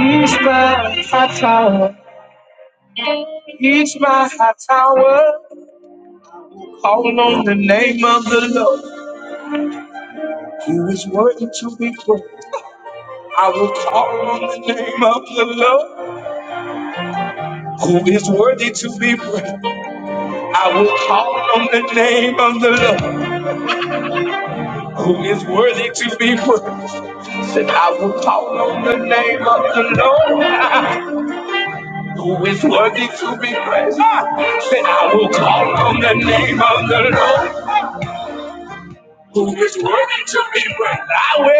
He's my high tower. He's my high tower. Hold on, Lord. Who is worthy to be praised? I will call on the name of the Lord. Who is worthy to be praised? I will call on the name of the Lord. Who is worthy to be praised? Said I will call on the name of the Lord. Who is worthy to be praised? Ah! Said I will call on the name of the Lord. who is worthy to be praised. I will,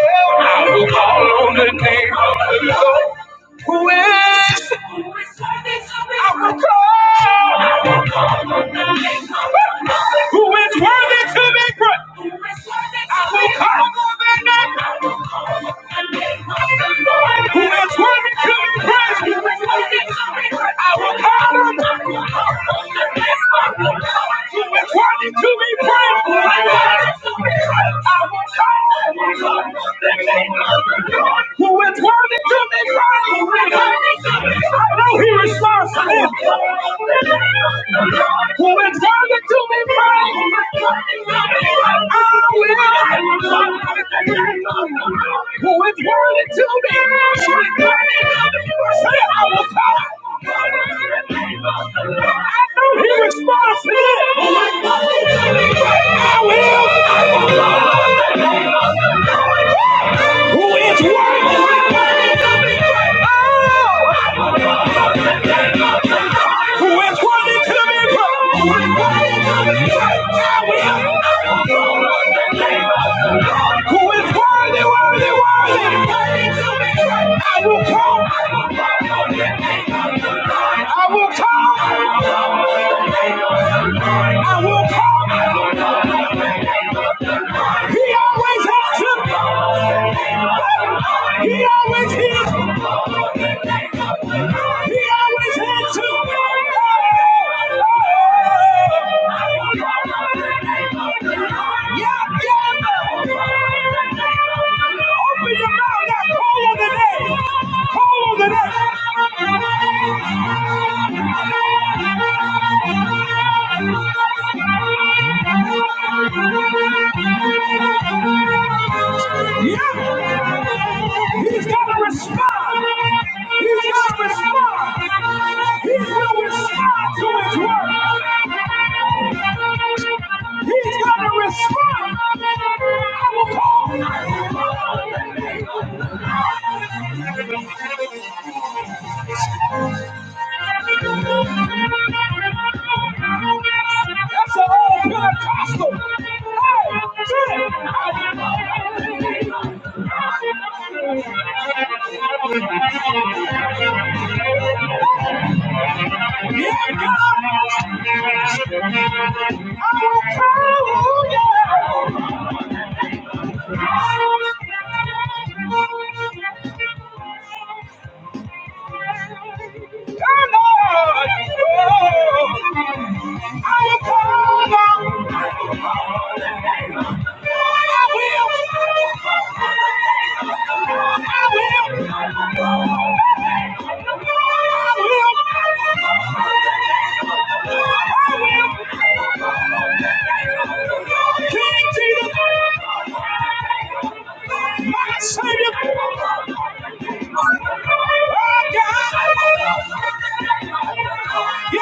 I will call on the name of the Lord. Who is? Who is worthy to be I will praised? call. on the name Who is worthy to be praised? Who is worthy to I will be call praised? on the name. I will call on the name of the Lord. Who is worthy to be praised? Who is worthy to be praised? I will call on. I will call on the name of the Lord. Who is worthy to be praised? Who is worthy to be praised? I know he responds to him. Who is worthy to be praised? I will. Who is worthy to be praised? Say, I will come. He responds to it. I will. Who is worthy? Who is worthy to be praised? Who is worthy, worthy, worthy? I will I will come. will come. He always answers. He always hears. He always answers. He's got a response. Yeah, God. Oh, oh. King Jesus, Savior. Yeah.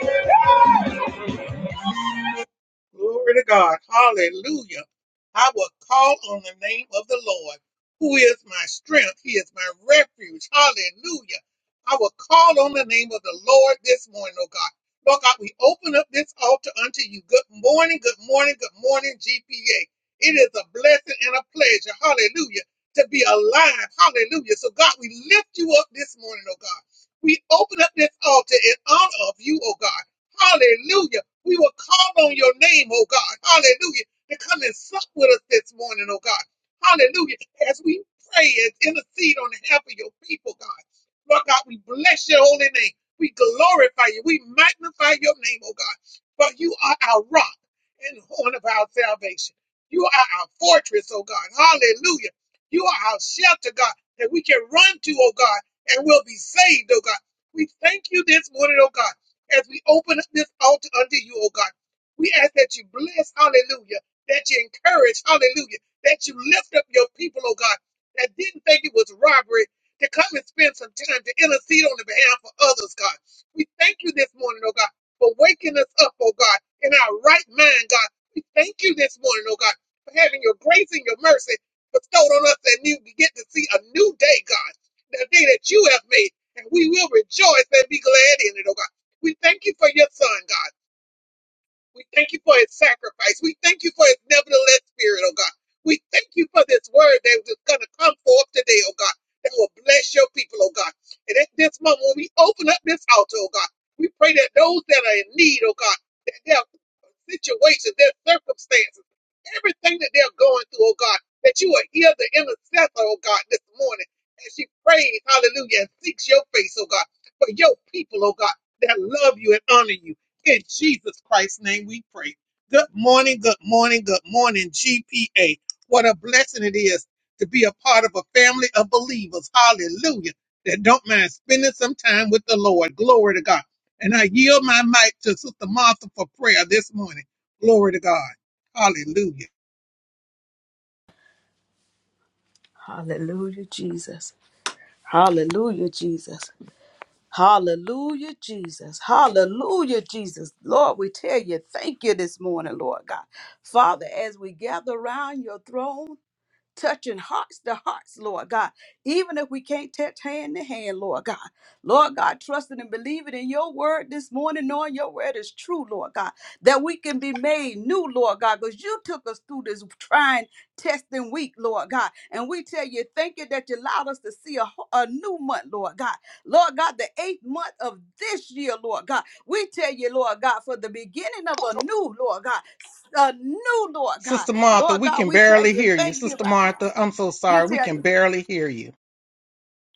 Thank you. Hallelujah, Jesus. Hallelujah, Jesus. Hallelujah, Jesus. Hallelujah, Jesus. Lord, we tell you, thank you this morning, Lord God. Father, as we gather around your throne, touching hearts to hearts, Lord God. Even if we can't touch hand to hand, Lord God. Lord God, trusting and believing in your word this morning, knowing your word is true, Lord God, that we can be made new, Lord God, because you took us through this trying, testing week, Lord God. And we tell you, thank you that you allowed us to see a, ho- a new month, Lord God. Lord God, the eighth month of this year, Lord God. We tell you, Lord God, for the beginning of a new, Lord God, a new, Lord God. Lord God, we tell you thank you right now. We tell you.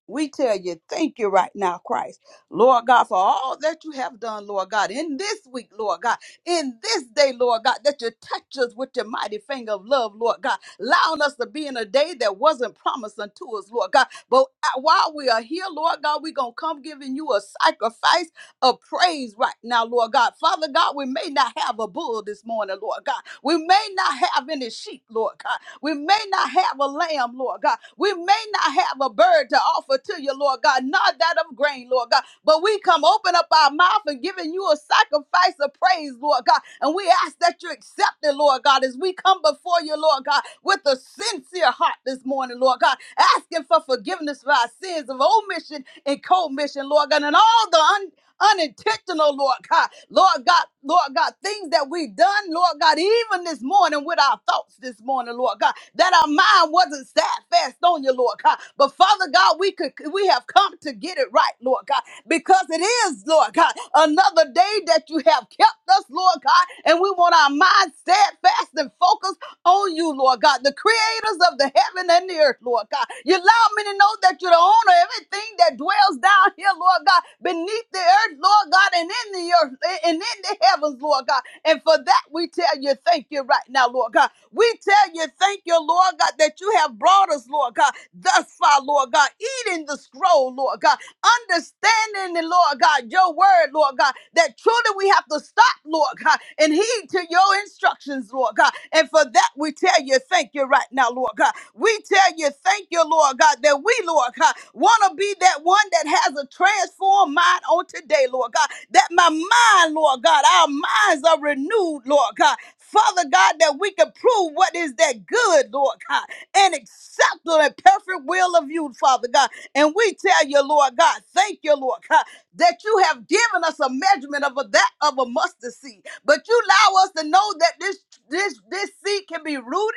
We tell you, thank you right now, Christ. Lord God, for all that you have done, Lord God, in this week, Lord God, in this day, Lord God, that you touch us with your mighty finger of love, Lord God, allowing us to be in a day that wasn't promised unto us, Lord God. But uh, while we are here, Lord God, we're going to come giving you a sacrifice of praise right now, Lord God. Father God, we may not have a bull this morning, Lord God. We may not have any sheep, Lord God. We may not have a lamb, Lord God. We may not have a bird to offer to you, Lord God, not that of grain, Lord God. But we come open up our mouth and giving you a sacrifice of praise, Lord God. And we ask that you accept it, Lord God, as we come before you, Lord God, with a sincere heart this morning, Lord God, asking for forgiveness for our sins of omission and commission, Lord God, and all the unintentional, Lord God. Lord God, Lord God, things that we done, Lord God, even this morning with our thoughts this morning, Lord God, that our mind wasn't steadfast on you, Lord God. But Father God, we could we have come to get it right, Lord God, because it is, Lord God, another day that you have kept us, Lord God, and we want our mind steadfast and focused on you, Lord God, the creators of the heaven and the earth, Lord God. You allow me to know that you're the owner of everything that dwells down here, Lord God, beneath the earth, Lord God, and in the earth and in the heavens, Lord God. And for that, we tell you thank you right now, Lord God. We tell you thank you, Lord God, that you have brought us, Lord God, thus far, Lord God, eating the scroll, Lord God understanding, and Lord God, your word, Lord God, that truly we have to stop, Lord God, and heed to your instructions, Lord God. And for that, we tell you thank you right now, Lord God. We tell you thank you, Lord God, that we, Lord God, want to be that one that has a transformed mind on today, Lord God. That my mind, Lord God, our minds are renewed, Lord God. Father God, that we can prove what is that good, Lord God and acceptable and perfect will of you, Father God. And we tell you, Lord God, thank you, Lord God, that you have given us a measurement of a, that of a mustard seed. But you allow us to know that this this this seed can be rooted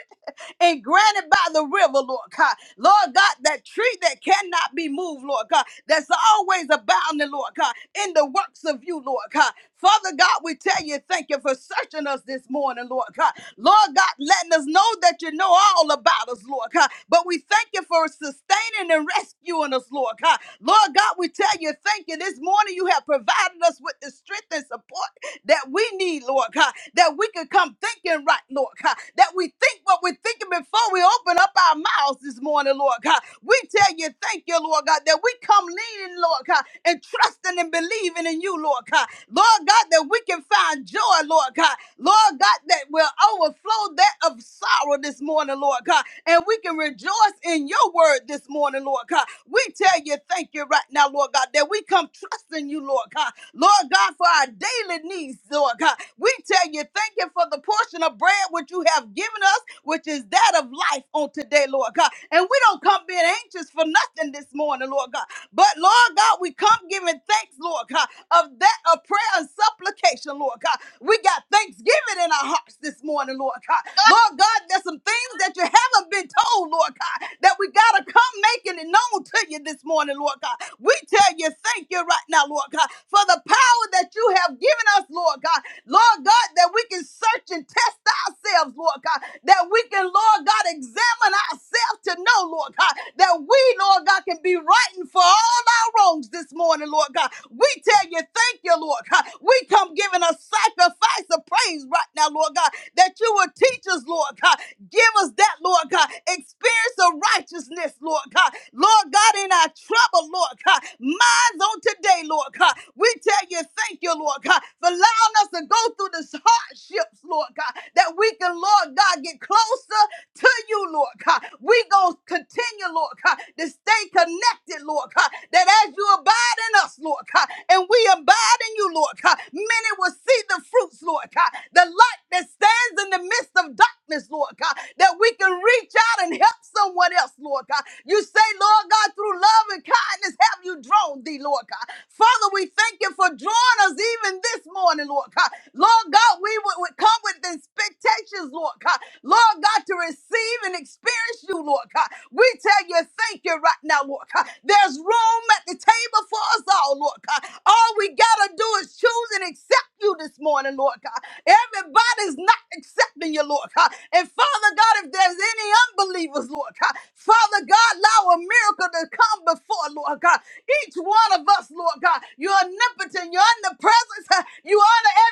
and granted by the river, Lord God. Lord God, that tree that cannot be moved, Lord God, that's always abounding, Lord God, in the works of you, Lord God. Father God, we tell you, thank you for searching us this morning, Lord God. Lord God, letting us know that you know all about us, Lord God. But we thank you for sustaining and rescuing us, Lord God. Lord God, we tell you, thank you. This morning you have provided us with the strength and support that we need, Lord God, that we can come thinking right, Lord God, that we think what we're thinking before we open up our mouths this morning, Lord God. We tell you, thank you, Lord God, that we come leaning, Lord God, and trusting and believing in you, Lord God. Lord God, that we can find joy, Lord God. Lord God, that will overflow that of sorrow this morning morning, Lord God. And we can rejoice in your word this morning, Lord God. We tell you thank you right now, Lord God, that we come trusting you, Lord God. Lord God, for our daily needs, Lord God. We tell you thank you for the portion of bread which you have given us, which is that of life on today, Lord God. And we don't come being anxious for nothing this morning, Lord God. But Lord God, we come giving thanks, Lord God, of that of prayer and supplication, Lord God. We got thanksgiving in our hearts this morning, Lord God. Lord God, there's some things that you haven't been told, Lord God, that we gotta come making it known to you this morning, Lord God. We tell you thank you right now, Lord God, for the power that you have given us, Lord God. Lord God, that we can search and test ourselves, Lord God, that we can, Lord God, examine ourselves to know, Lord God, that we, Lord God, can be righting for all our wrongs this morning, Lord God. We tell you, thank you, Lord God. We come giving a sacrifice of praise right now, Lord God, that you will teach us, Lord God. Give us that, Lord God, experience of righteousness, Lord God. Lord God, in our trouble, Lord God minds on today, Lord God. We tell you, thank you, Lord God, for allowing us to go through this hardships, Lord God, that we can, Lord God, get closer to you, Lord God. We gonna continue, Lord God, to stay connected, Lord God. That as you abide in us, Lord God, and we abide in you, Lord God, many will see the fruits, Lord God. The light that stands in the midst of darkness, Lord God, that we can reach out and help someone else, Lord God. You say, Lord God, through love and kindness have you drawn thee, Lord God. Father, we thank you for drawing us even this morning, Lord God. Lord God, we would, would come with expectations, Lord God. Lord. Lord God, to receive and experience you, Lord God. We tell you thank you right now, Lord God. There's room at the table for us all, Lord God. All we got to do is choose and accept you this morning, Lord God. Everybody's not accepting you, Lord God. And Father God, if there's any unbelievers, Lord God, Father God, allow a miracle to come before, Lord God. Each one of us, Lord God, you're omnipotent, you're omnipresent, you're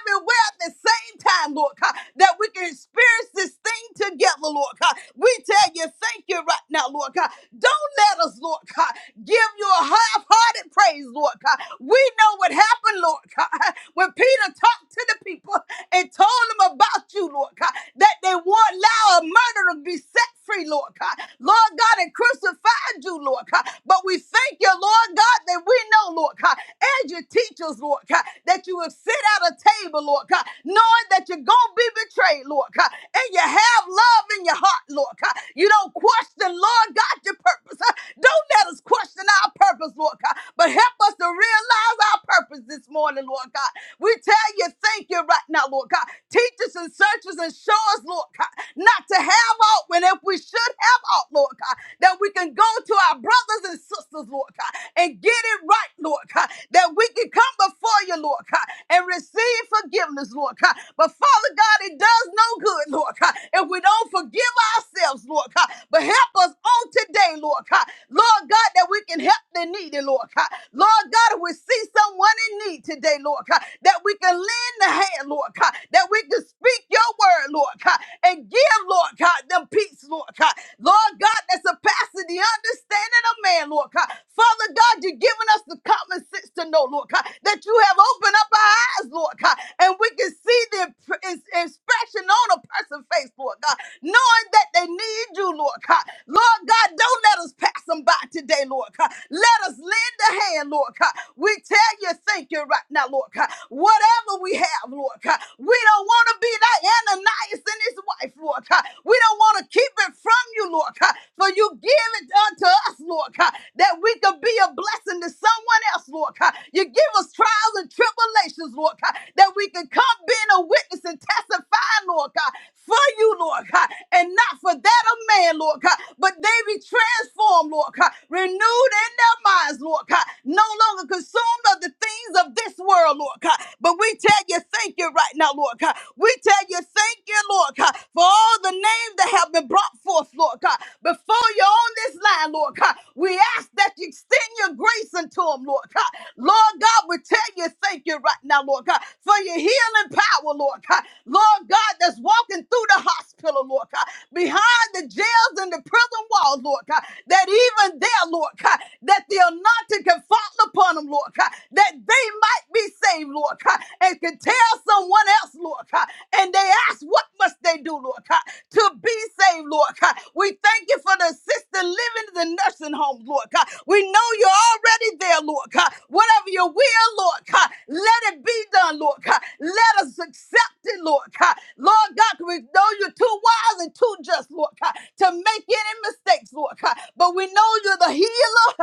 everywhere at the same time, Lord God, that we can experience experience this thing together, Lord God. We tell you, thank you right now, Lord God. Don't let us, Lord God, give you a half-hearted praise, Lord God. We know what happened, Lord God, when Peter talked to the people and told them about you, Lord God, that they won't allow a murder to be set free, Lord God. Lord God, and crucified you, Lord God. But we thank you, Lord God, that we know, Lord God, as your teachers, Lord God, that you have sit at a table, Lord God, knowing that you're going to be betrayed, Lord God, and you have love in your heart, Lord God. You don't question, Lord God, your purpose. huh? Don't let us question our purpose, Lord God, but help us to realize our purpose this morning, Lord God. We tell you, thank you right now, Lord God. Teach us and search us and show show us, Lord God, not to have out when if we should have out, Lord God, that we can go to our brothers and sisters, Lord God, and get it right, Lord God, that we can come before you, Lord God, and receive forgiveness, Lord God. But Father God, it does no good, Lord God, if we don't forgive ourselves, Lord God. But help us on today, Lord God. Lord God, that we can help the needy, Lord God. Lord God, if we see someone in need today, Lord God, that we can lend the hand, land, Lord God, that we can speak your word, Lord God, and give, Lord God, them peace, Lord God. Lord God, that surpasses the understanding of man, Lord God. Father God, you've given us the common sense to know, Lord God, that you have opened up our eyes, Lord God, and we can see the imp- is- expression on a person's face, Lord God, knowing that they need you, Lord God. Lord God, don't let us pass them by today, Lord God. Let us lend a hand, Lord God. We tell you thank you thank you right now, Lord God. Whatever we have, Lord God, we don't want to be like Ananias and his wife, Lord God. We don't want to keep it from you, Lord God. For you give it unto us, Lord God, that we could be a blessing to someone else, Lord God. You give us trials and tribulations, Lord God, that we can come being a witness and testifying, Lord God, for you, Lord God, and not for that of man, Lord God, but they be transformed, Lord God, renewed in their minds, Lord God, no longer consumed of the things of this world, Lord God. But we tell you, thank you right now, Lord God. We tell you, thank you, Lord God, for all the names that have been brought forth, Lord God, before you on this line, Lord God. We ask that you extend your grace unto them, Lord God. Lord God, we tell you, thank you right now, Lord God, for your healing power, Lord God. Lord God, that's walking through the hospital, Lord God, behind the jails and the prison walls, Lord God, that even there, Lord God, that the anointing can fall upon them, Lord God, that they might be saved, Lord God, and can tell someone else, Lord God, and they ask, what must they do, Lord God, to be saved, Lord God? We thank you for the assisted living in the nursing home, Lord God. We know you're already there, Lord God. Whatever your will, Lord God, let it be done, Lord God. Let us accept it, Lord God. Lord God, we know you're too wise and feeling too just, Lord God, to make any mistakes, Lord God. But we know you're the healer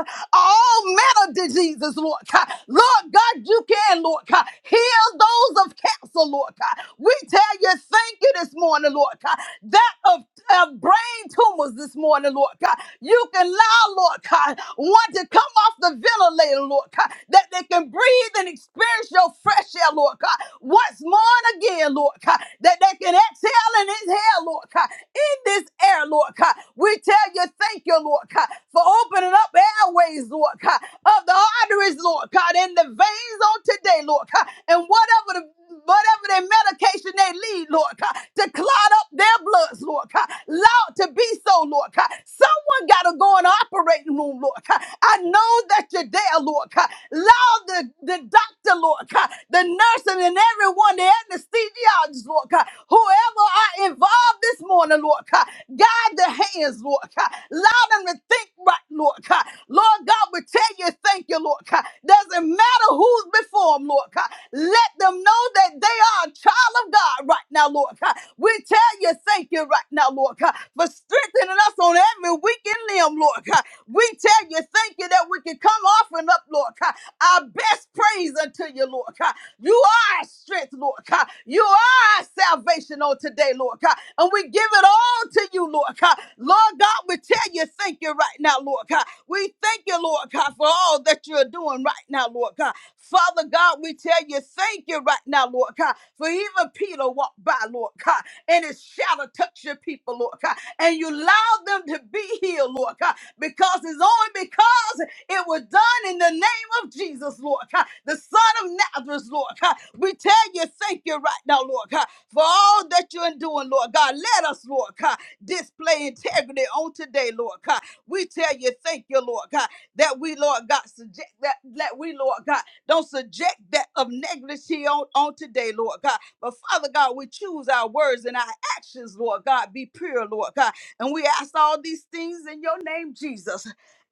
of all manner of diseases, Lord God. Lord God, you can, Lord God, heal those of cancer, Lord God. We tell you thank you this morning, Lord God. That of, of brain tumors this morning, Lord God. You can allow, Lord God, one to come off the ventilator, Lord God, that they can breathe and experience your fresh air, Lord God. Once more and again, Lord God that they can exhale and inhale, Lord God. In this air, Lord God, we tell you thank you, Lord God, for opening up airways, Lord God, of the arteries, Lord God, and the veins on today, Lord God, and whatever the whatever their medication they need, Lord God, to clot up their bloods, Lord God. Loud to be so, Lord God. Someone got to go in the operating room, Lord God. I know that you're there, Lord God. Loud the, the doctor, Lord God, the nurse person and everyone, the anesthesiologist, Lord God, whoever are involved this morning, Lord God, guide the hands, Lord God, allow them to think right, Lord God. Lord God, we tell you thank you, Lord God. Doesn't matter who's before them, Lord God. Let them know that they are a child of God right now, Lord God. We tell you thank you right now, Lord God, for strengthening us on every weekend limb, Lord God. We tell you thank you that we can come off and up, Lord God best praise unto you, Lord God. You are our strength, Lord God. You are our salvation on today, Lord God. And we give it all to you, Lord God. Lord God, we tell you thank you right now, Lord God. We thank you, Lord God, for all that you're doing right now, Lord God. Father God, we tell you thank you right now, Lord God. For even Peter walked by, Lord God, and his shadow touched your people, Lord God. And you allowed them to be healed, Lord God, because it's only because it was done in the name of Jesus, Lord. God, The Son of Nazareth, Lord. God. We tell you, thank you right now, Lord, God, for all that you're doing, Lord God. Let us, Lord, God, display integrity on today, Lord God. We tell you, thank you, Lord God, that we, Lord God, subject that, that we, Lord God, don't subject that of negativity on, on today, Lord God. But Father God, we choose our words and our actions, Lord God, be pure, Lord God. And we ask all these things in your name, Jesus.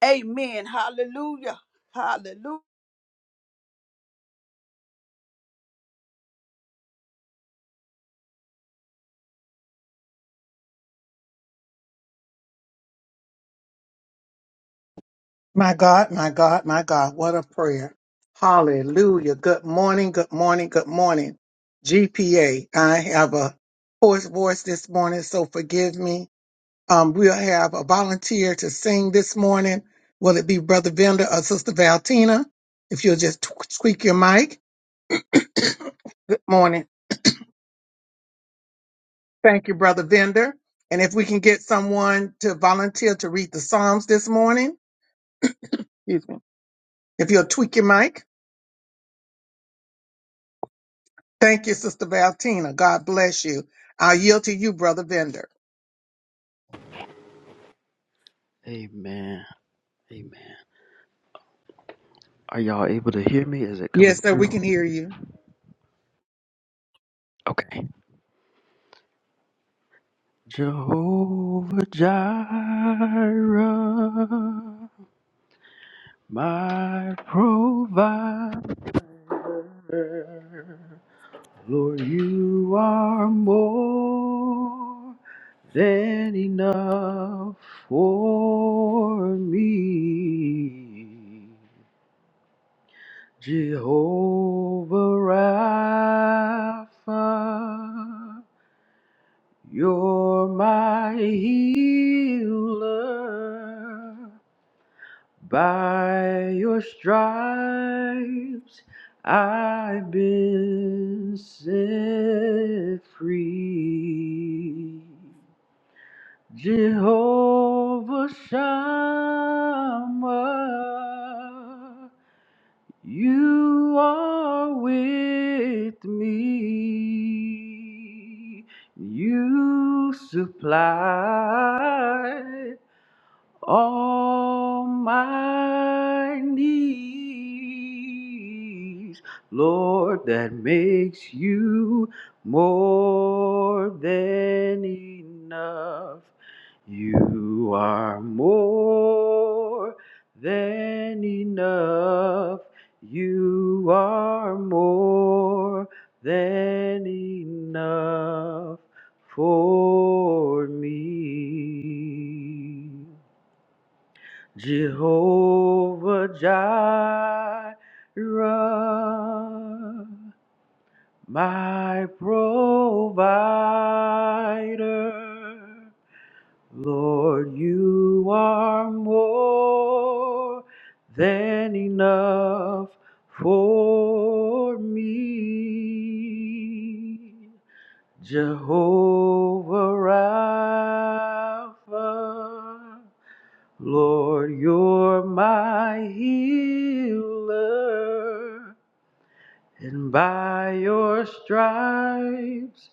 Amen. Hallelujah. Hallelujah. Amen. Amen. Are y'all able to hear me? Is it coming through? Okay. Jehovah Jireh, my provider. Lord, you are more than enough for me. Jehovah Rapha. You're my healer. By your stripes, I've been set free. Jehovah Shammah, you are with me. You supply. On my knees, Lord, that makes you more than enough. You are more than enough. You are more than enough for me. Jehovah Jireh, my provider. Lord, you are more than enough for me. Jehovah Rapha. Lord, you're my healer, and by your stripes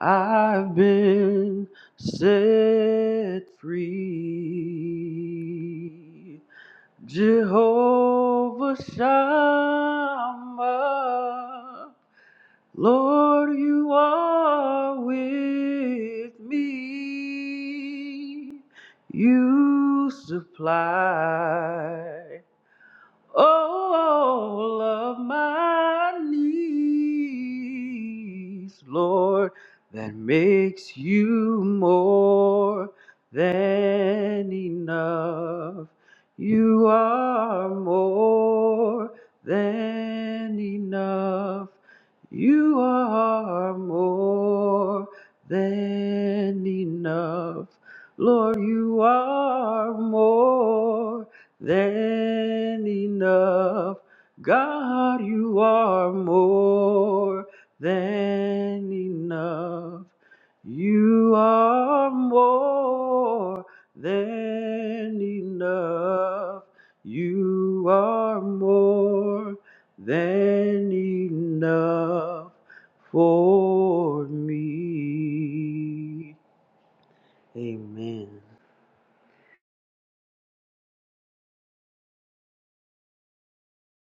I've been set free. Jehovah Shammah, Lord, you are with me. You supply all of my needs, Lord, that makes you more than enough. You are more than enough. You are more than enough. Lord, you are more than enough. God, you are more than enough. You are more than enough. You are more than enough for me. Amen.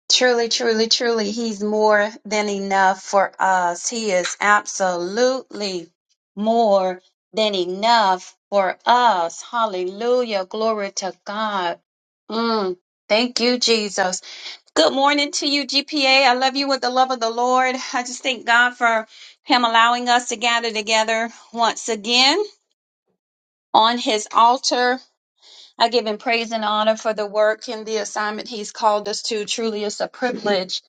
Truly, truly, truly, He's more than enough for us. He is absolutely more than enough for us. Hallelujah. Glory to God. Mm, thank you, Jesus. Good morning to you, GPA. I love you with the love of the Lord. I just thank God for Him allowing us to gather together once again on His altar I give him praise and honor for the work and the assignment he's called us to. Truly, it's a privilege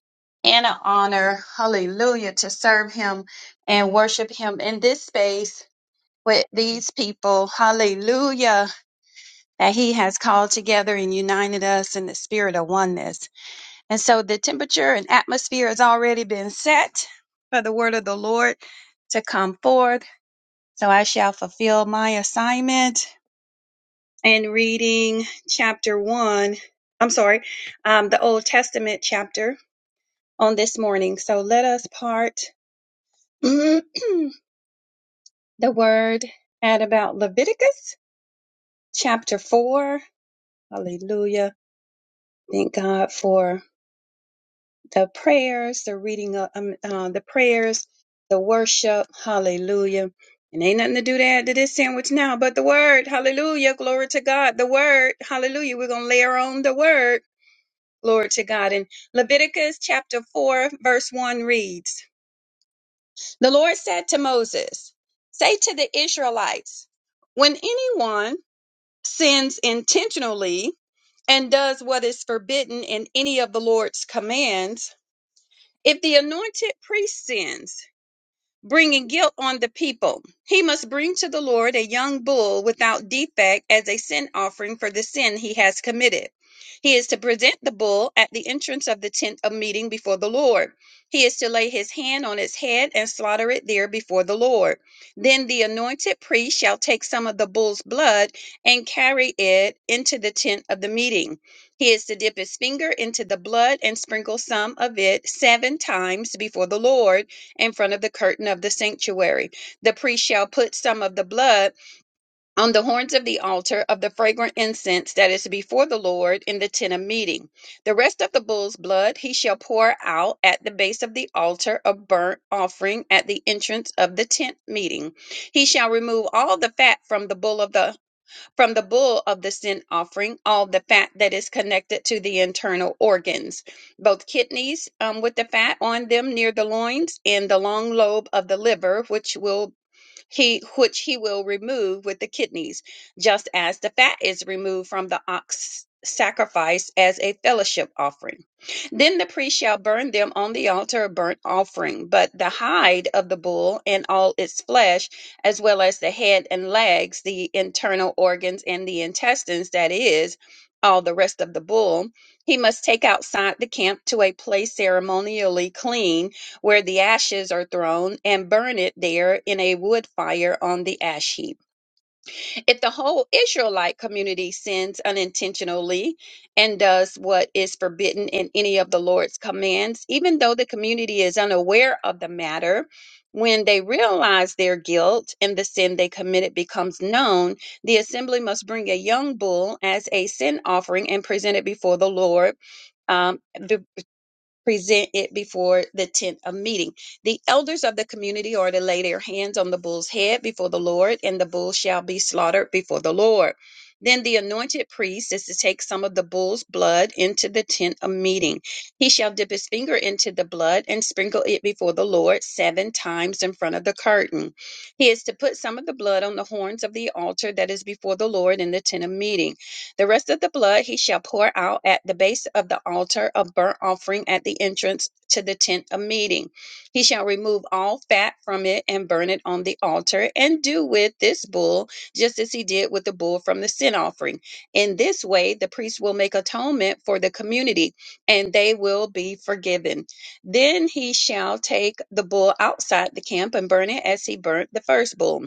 and an honor, hallelujah, to serve him and worship him in this space with these people, hallelujah, that he has called together and united us in the spirit of oneness. And so the temperature and atmosphere has already been set for the word of the Lord to come forth. So I shall fulfill my assignment and reading chapter one, I'm sorry, um, the Old Testament chapter on this morning. So let us part the word at about Leviticus chapter four. Hallelujah. Thank God for the prayers, the reading of um, uh, the prayers, the worship. Hallelujah. And ain't nothing to do to add to this sandwich now, but the word. Hallelujah. Glory to God. The word. Hallelujah. We're going to layer on the word. Glory to God. In Leviticus chapter 4, verse 1 reads The Lord said to Moses, Say to the Israelites, when anyone sins intentionally and does what is forbidden in any of the Lord's commands, if the anointed priest sins, bringing guilt on the people. He must bring to the Lord a young bull without defect as a sin offering for the sin he has committed. He is to present the bull at the entrance of the tent of meeting before the Lord. He is to lay his hand on its head and slaughter it there before the Lord. Then the anointed priest shall take some of the bull's blood and carry it into the tent of the meeting. He is to dip his finger into the blood and sprinkle some of it seven times before the Lord in front of the curtain of the sanctuary. The priest shall put some of the blood on the horns of the altar of the fragrant incense that is before the Lord in the tent of meeting. The rest of the bull's blood he shall pour out at the base of the altar of burnt offering at the entrance of the tent meeting. He shall remove all the fat from the bull of the from the bull of the sin offering all the fat that is connected to the internal organs, both kidneys um, with the fat on them near the loins, and the long lobe of the liver, which will he which he will remove with the kidneys, just as the fat is removed from the ox sacrifice as a fellowship offering. Then the priest shall burn them on the altar of burnt offering, but the hide of the bull and all its flesh, as well as the head and legs, the internal organs and the intestines, that is, all the rest of the bull, he must take outside the camp to a place ceremonially clean where the ashes are thrown, and burn it there in a wood fire on the ash heap. If the whole Israelite community sins unintentionally and does what is forbidden in any of the Lord's commands, even though the community is unaware of the matter, when they realize their guilt and the sin they committed becomes known, the assembly must bring a young bull as a sin offering and present it before the Lord um, be- present it before the tent of meeting. The elders of the community are to lay their hands on the bull's head before the Lord, and the bull shall be slaughtered before the Lord. Then the anointed priest is to take some of the bull's blood into the tent of meeting. He shall dip his finger into the blood and sprinkle it before the Lord seven times in front of the curtain. He is to put some of the blood on the horns of the altar that is before the Lord in the tent of meeting. The rest of the blood he shall pour out at the base of the altar of burnt offering at the entrance to the tent of meeting. He shall remove all fat from it and burn it on the altar, and do with this bull just as he did with the bull from the sin offering. In this way, the priest will make atonement for the community, and they will be forgiven. Then he shall take the bull outside the camp and burn it as he burnt the first bull.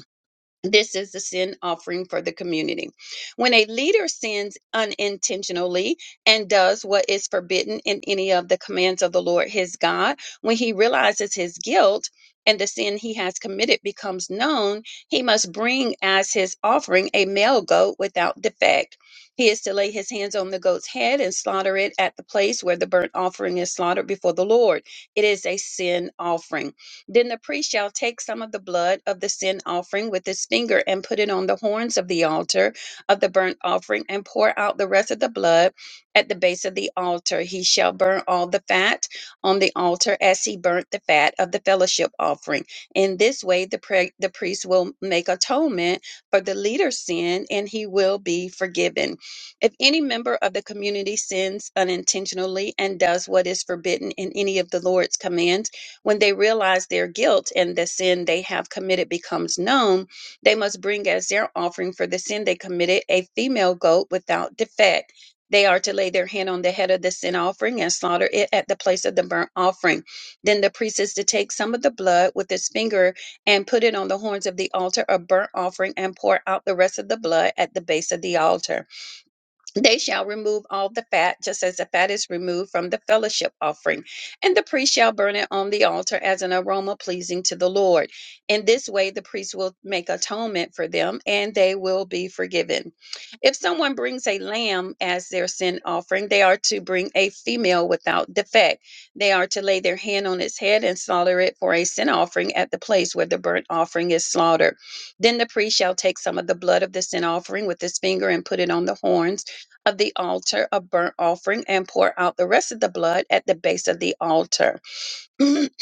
This is the sin offering for the community. When a leader sins unintentionally and does what is forbidden in any of the commands of the Lord his God, when he realizes his guilt and the sin he has committed becomes known, he must bring as his offering a male goat without defect. He is to lay his hands on the goat's head and slaughter it at the place where the burnt offering is slaughtered before the Lord. It is a sin offering. Then the priest shall take some of the blood of the sin offering with his finger and put it on the horns of the altar of the burnt offering and pour out the rest of the blood at the base of the altar. He shall burn all the fat on the altar as he burnt the fat of the fellowship offering. In this way, the, pre- the priest will make atonement for the leader's sin and he will be forgiven. If any member of the community sins unintentionally and does what is forbidden in any of the Lord's commands, when they realize their guilt and the sin they have committed becomes known, they must bring as their offering for the sin they committed a female goat without defect. They are to lay their hand on the head of the sin offering and slaughter it at the place of the burnt offering. Then the priest is to take some of the blood with his finger and put it on the horns of the altar of burnt offering and pour out the rest of the blood at the base of the altar they shall remove all the fat, just as the fat is removed from the fellowship offering, and the priest shall burn it on the altar as an aroma pleasing to the Lord. In this way, the priest will make atonement for them, and they will be forgiven. If someone brings a lamb as their sin offering, they are to bring a female without defect. They are to lay their hand on its head and slaughter it for a sin offering at the place where the burnt offering is slaughtered. Then the priest shall take some of the blood of the sin offering with his finger and put it on the horns of the altar of burnt offering and pour out the rest of the blood at the base of the altar.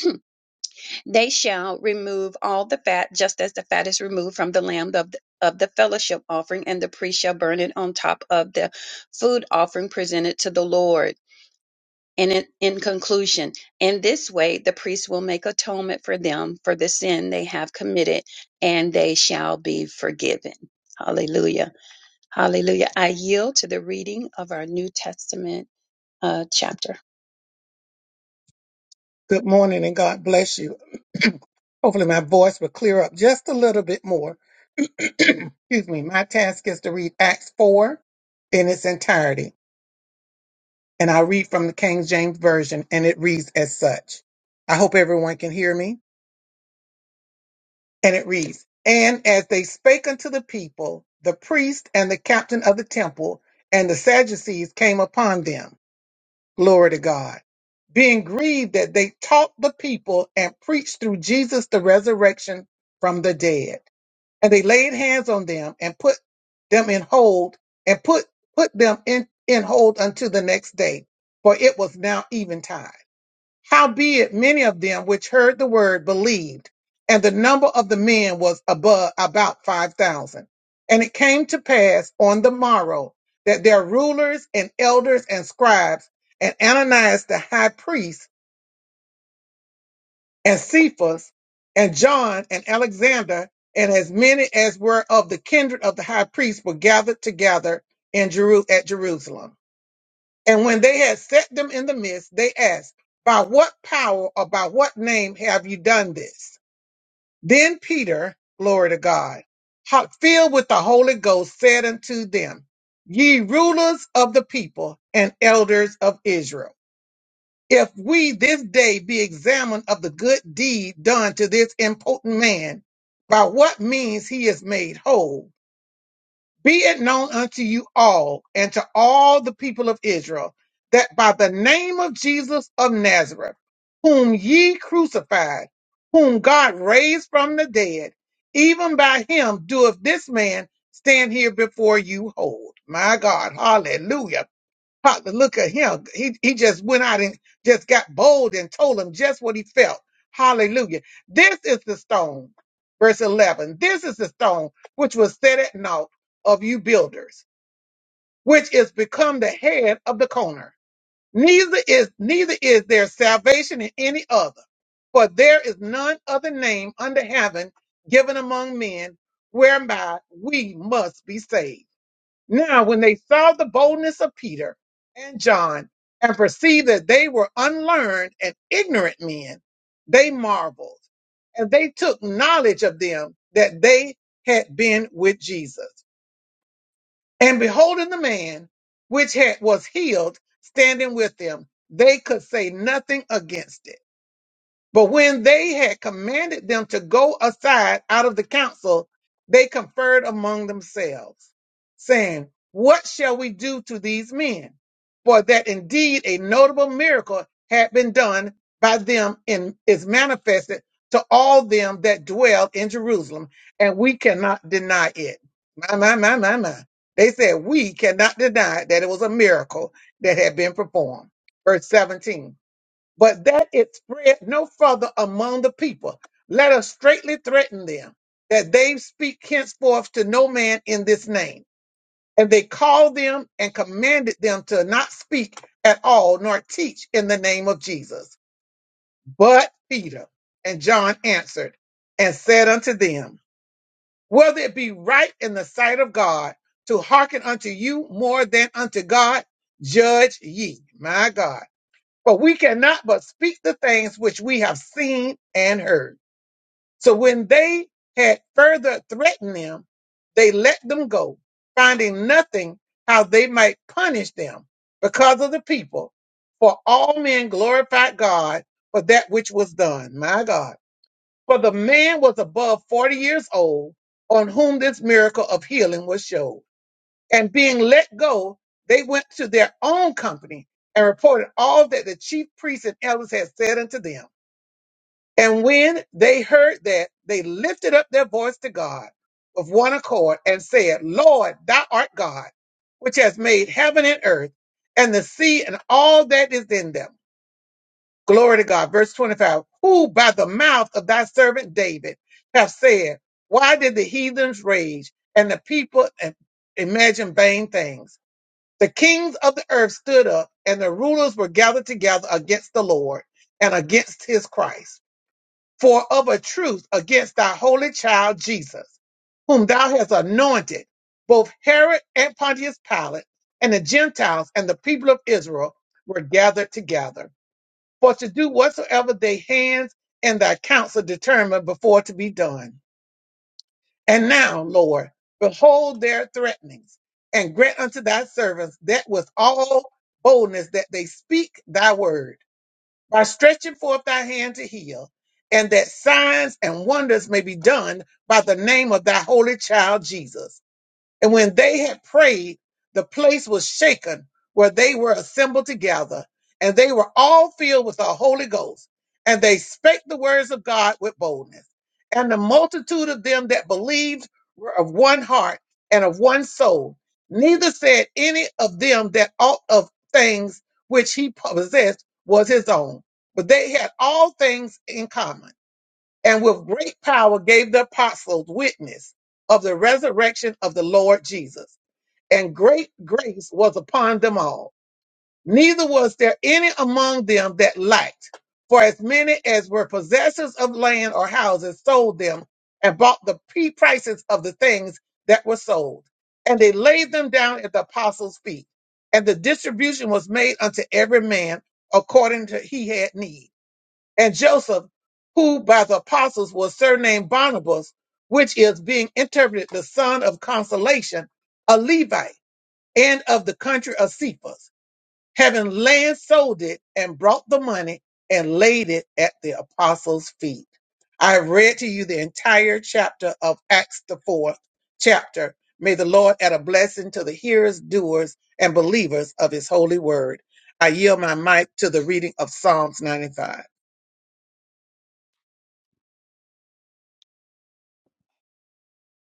they shall remove all the fat, just as the fat is removed from the lamb of the of the fellowship offering, and the priest shall burn it on top of the food offering presented to the Lord. And in, in conclusion, in this way the priest will make atonement for them for the sin they have committed, and they shall be forgiven. Hallelujah. Hallelujah. I yield to the reading of our New Testament uh, chapter.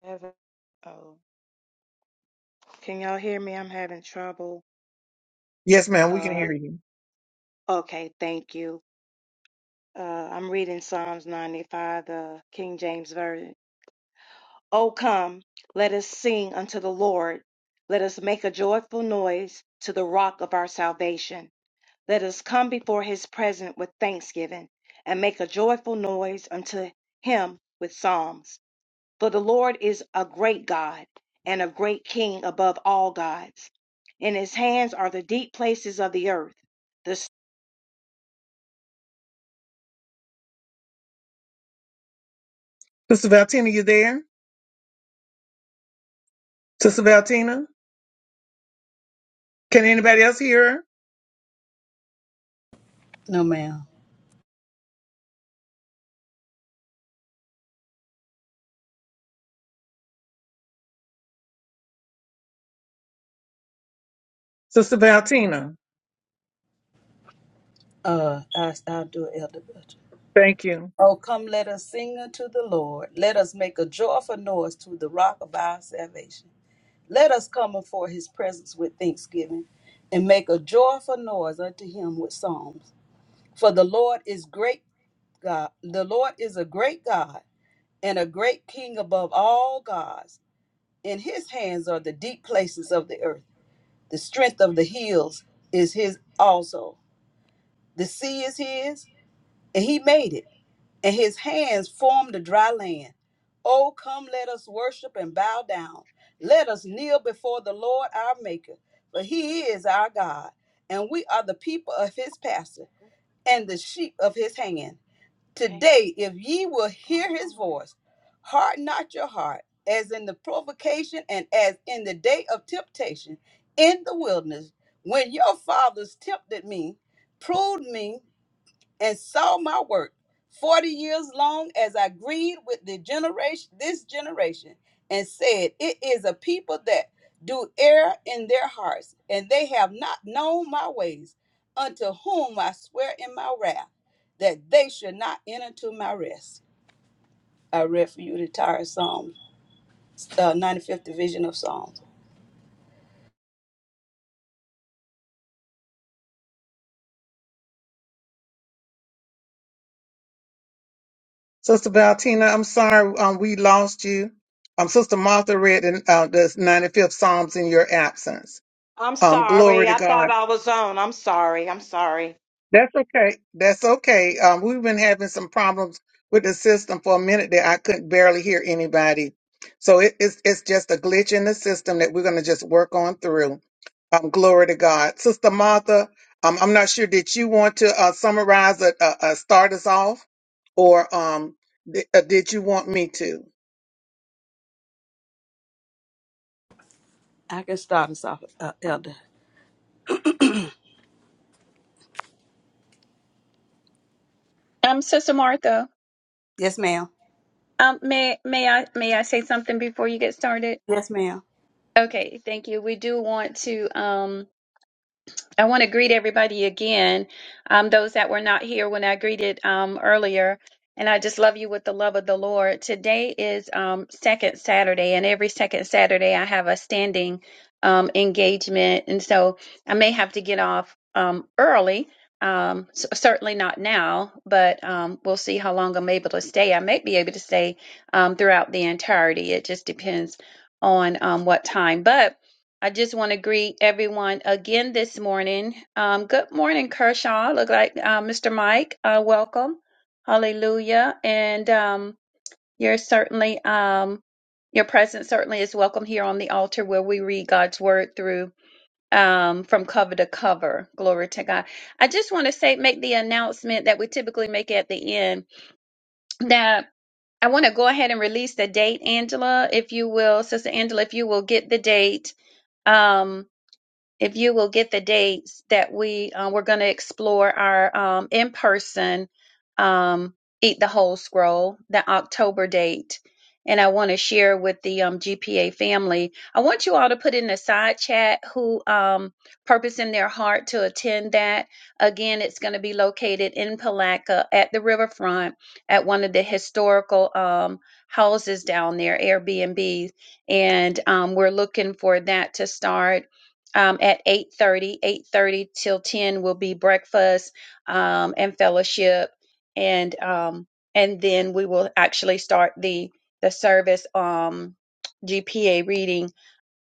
Heaven- Oh, can y'all hear me? I'm having trouble. Uh, okay, thank you. Uh, I'm reading Psalms 95, the King James Version. Oh, come, let us sing unto the Lord. Let us make a joyful noise to the rock of our salvation. Let us come before his presence with thanksgiving and make a joyful noise unto him with psalms. For the Lord is a great God and a great King above all gods. In his hands are the deep places of the earth. The s- No, ma'am. Uh, I, I'll do it, Elder Belcher. Oh, come, let us sing unto the Lord. Let us make a joyful noise to the rock of our salvation. Let us come before his presence with thanksgiving and make a joyful noise unto him with psalms. For the Lord is great God. The Lord is a great God and a great King above all gods. In his hands are the deep places of the earth. The strength of the hills is his also. The sea is his, and he made it, and his hands formed the dry land. Oh, come, let us worship and bow down. Let us kneel before the Lord our Maker, for he is our God, and we are the people of his pasture and the sheep of his hand. okay. Today, if ye will it's hear going his on. voice, harden not your heart, as in the provocation and as in the day of temptation in the wilderness, when your fathers tempted me, proved me and saw my work 40 years long as I grieved with the generation this generation and said it is a people that do err in their hearts and they have not known my ways unto whom I swear in my wrath that they should not enter to my rest. I read for you the entire Psalm, uh, 95th division of Psalms. I'm sorry. I thought I was on. I'm sorry. I'm sorry. I can start us off, uh, Elder. Um, Sister Martha, Yes, ma'am. um, may may I may I say something before you get started? Yes, ma'am. Okay, thank you. We do want to. Um, I want to greet everybody again, um, those that were not here when I greeted um, earlier. And I just love you with the love of the Lord. Today is um, Second Saturday, and every second Saturday I have a standing um, engagement. And so I may have to get off um, early. Um, c- certainly not now, but um, we'll see how long I'm able to stay. I may be able to stay um, throughout the entirety. It just depends on um, what time. But I just want to greet everyone again this morning. Um, good morning, Kershaw. Look like uh, Mr. Mike. Uh, welcome. Hallelujah. And um, you're certainly, um, your presence certainly is welcome here on the altar where we read God's word through um, from cover to cover. Glory to God. I just want to say, make the announcement that we typically make at the end that I want to go ahead and release the date, Angela, if you will, Sister Angela, if you will get the date. Um, if you will get the dates that we uh, we're going to explore our um, in-person um, eat the whole scroll the october date and i want to share with the um, gpa family i want you all to put in the side chat who um, purpose in their heart to attend that again it's going to be located in palaca at the riverfront at one of the historical um, houses down there airbnbs and um, we're looking for that to start um, at 8.30 8.30 till 10 will be breakfast um, and fellowship and um, and then we will actually start the the service um, gpa reading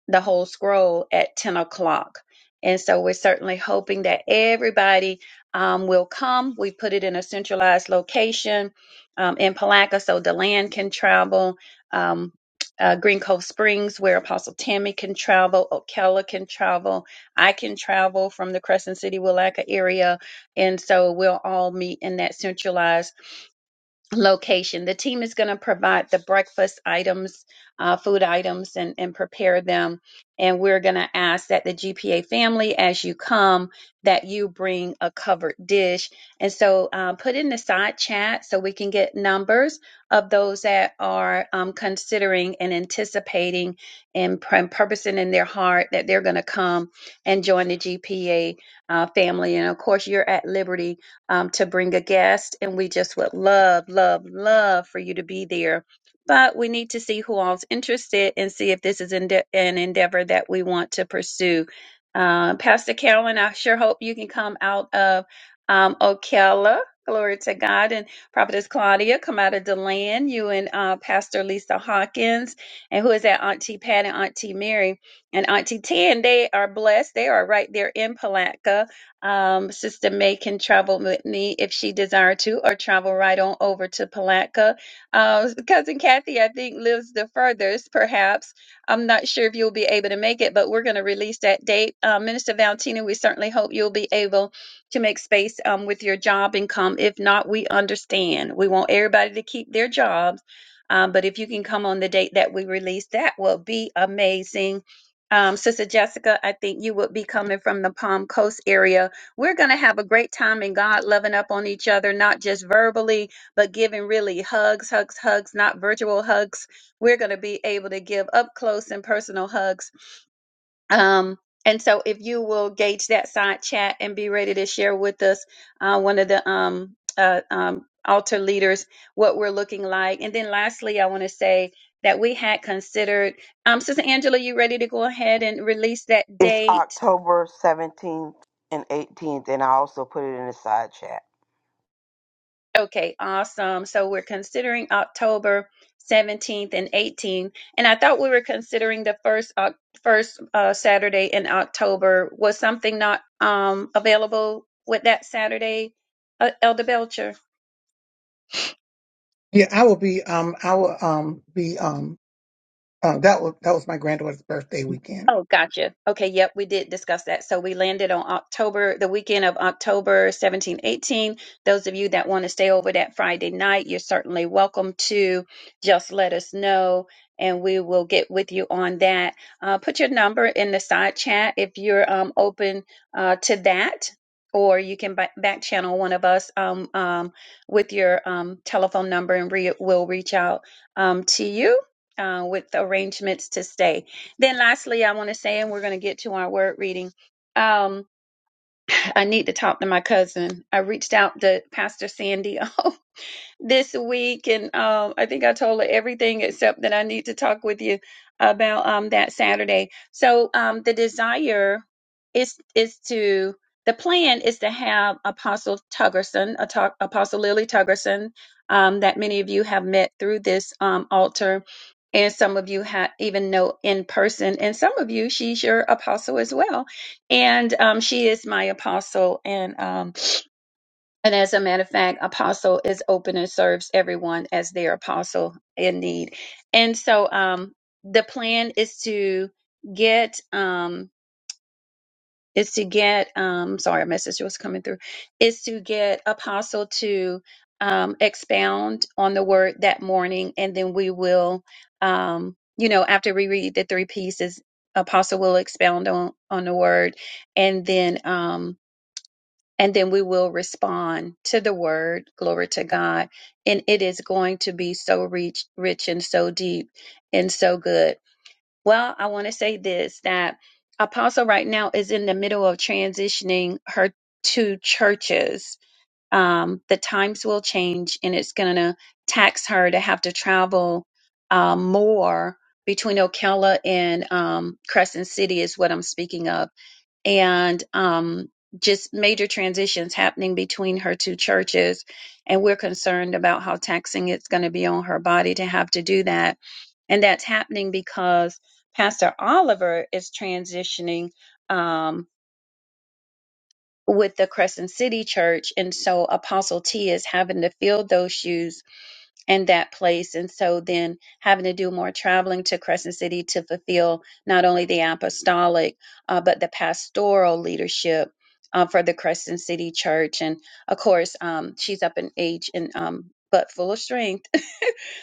the whole scroll at 10 o'clock. And so we're certainly hoping that everybody um, will come. We put it in a centralized location um, in Palaca so Deland can travel, um, uh, Green Cove Springs, where Apostle Tammy can travel, Okella can travel, I can travel from the Crescent City, Willaca area. And so we'll all meet in that centralized location. The team is going to provide the breakfast items, uh, food items, and, and prepare them. And we're going to ask that the GPA family, as you come, that you bring a covered dish. And so uh, put in the side chat so we can get numbers of those that are um, considering and anticipating and pr- and purposing in their heart that they're going to come and join the GPA uh, family. And of course, you're at liberty um, to bring a guest, and we just would love, love, love for you to be there. But we need to see who all's interested and see if this is ende- an endeavor that we want to pursue. Uh, Pastor Carolyn, I sure hope you can come out of um, Ocala. Glory to God. And Prophetess Claudia, come out of DeLand, you and uh, Pastor Lisa Hawkins, and who is that? Auntie Pat and Auntie Mary. And Auntie Tan, they are blessed. They are right there in Palatka um, Sister May can travel with me if she desire to, or travel right on over to Palatka. Uh, Cousin Kathy, I think, lives the furthest, perhaps. I'm not sure if you'll be able to make it, but we're going to release that date. Uh, Minister Valentina, we certainly hope you'll be able to make space um, with your job and come. If not, we understand. We want everybody to keep their jobs. Um, but if you can come on the date that we release, that will be amazing. Um, Sister Jessica, I think you would be coming from the Palm Coast area we're going to have a great time in God, loving up on each other, not just verbally, but giving really hugs, hugs, hugs, not virtual hugs. We're going to be able to give up close and personal hugs. Um, and so, if you will gauge that side chat and be ready to share with us, uh, one of the um, uh, um, altar leaders, what we're looking like. And then, lastly, I want to say that we had considered, um, Sister Angela, you ready to go ahead and release that It's date? October 17th and 18th, and I also put it in the side chat. Okay, awesome. So we're considering October 17th and 18th, and I thought we were considering the first Oc- first uh, Saturday in October. Was something not um, available with that Saturday, uh, Elder Belcher? Oh, gotcha. Okay, yep, we did discuss that. So we landed on October, the weekend of October 17, 18. Those of you that want to stay over that Friday night, you're certainly welcome to. Just let us know and we will get with you on that. Uh, put your number in the side chat if you're um, open uh, to that. Or you can ba- back channel one of us um, um, with your um, telephone number, and re- we'll reach out um, to you uh, with arrangements to stay. Then, lastly, I want to say, and we're going to get to our word reading. Um, I need to talk to my cousin. I reached out to Pastor Sandy on this week, and um, I think I told her everything except that I need to talk with you about um, that Saturday. So um, the desire is is to the plan is to have Apostle Tuggerson, Ato- Apostle Lily Tuggerson, um, that many of you have met through this um, altar, and some of you ha- even know in person, and some of you she's your apostle as well, and um, she is my apostle, and. Um, and as a matter of fact, apostle is open and serves everyone as their apostle in need. And so um the plan is to get um is to get um sorry, a message was coming through, is to get apostle to um expound on the word that morning and then we will um you know after we read the three pieces apostle will expound on on the word and then um and then we will respond to the word glory to god and it is going to be so rich rich and so deep and so good well i want to say this that apostle right now is in the middle of transitioning her two churches um, the times will change and it's going to tax her to have to travel um, more between ocala and um, crescent city is what i'm speaking of and um, just major transitions happening between her two churches. And we're concerned about how taxing it's going to be on her body to have to do that. And that's happening because Pastor Oliver is transitioning um, with the Crescent City Church. And so Apostle T is having to fill those shoes in that place. And so then having to do more traveling to Crescent City to fulfill not only the apostolic, uh, but the pastoral leadership uh, for the Crescent City Church. And of course, um, she's up in age and um, but full of strength,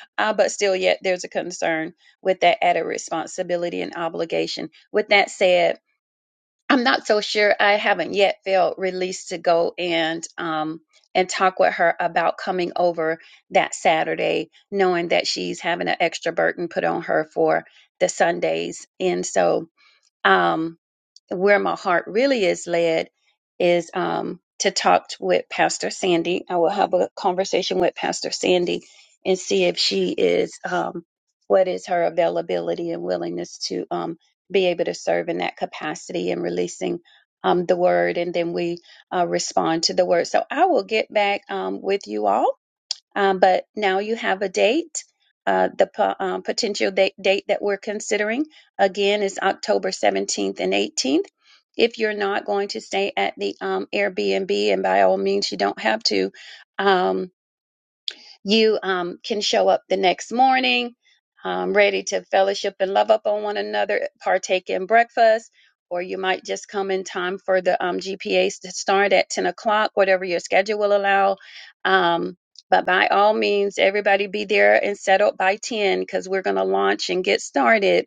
uh, but still yet there's a concern with that added responsibility and obligation. With that said, I'm not so sure. I haven't yet felt released to go and um and talk with her about coming over that Saturday, knowing that she's having an extra burden put on her for the Sundays. And so um, where my heart really is led is um, to talk t- with Pastor Sandy. I will have a conversation with Pastor Sandy and see if she is um, what is her availability and willingness to um, be able to serve in that capacity and releasing um, the word, and then we uh, respond to the word. So I will get back um, with you all um, but now you have a date. Uh, the po- um, potential date, date that we're considering again is October 17th and 18th. If you're not going to stay at the um, Airbnb, and by all means, you don't have to, um, you um, can show up the next morning um, ready to fellowship and love up on one another, partake in breakfast, or you might just come in time for the um, GPAs to start at 10 o'clock, whatever your schedule will allow. Um, but by all means, everybody be there and settled by 10 because we're going to launch and get started.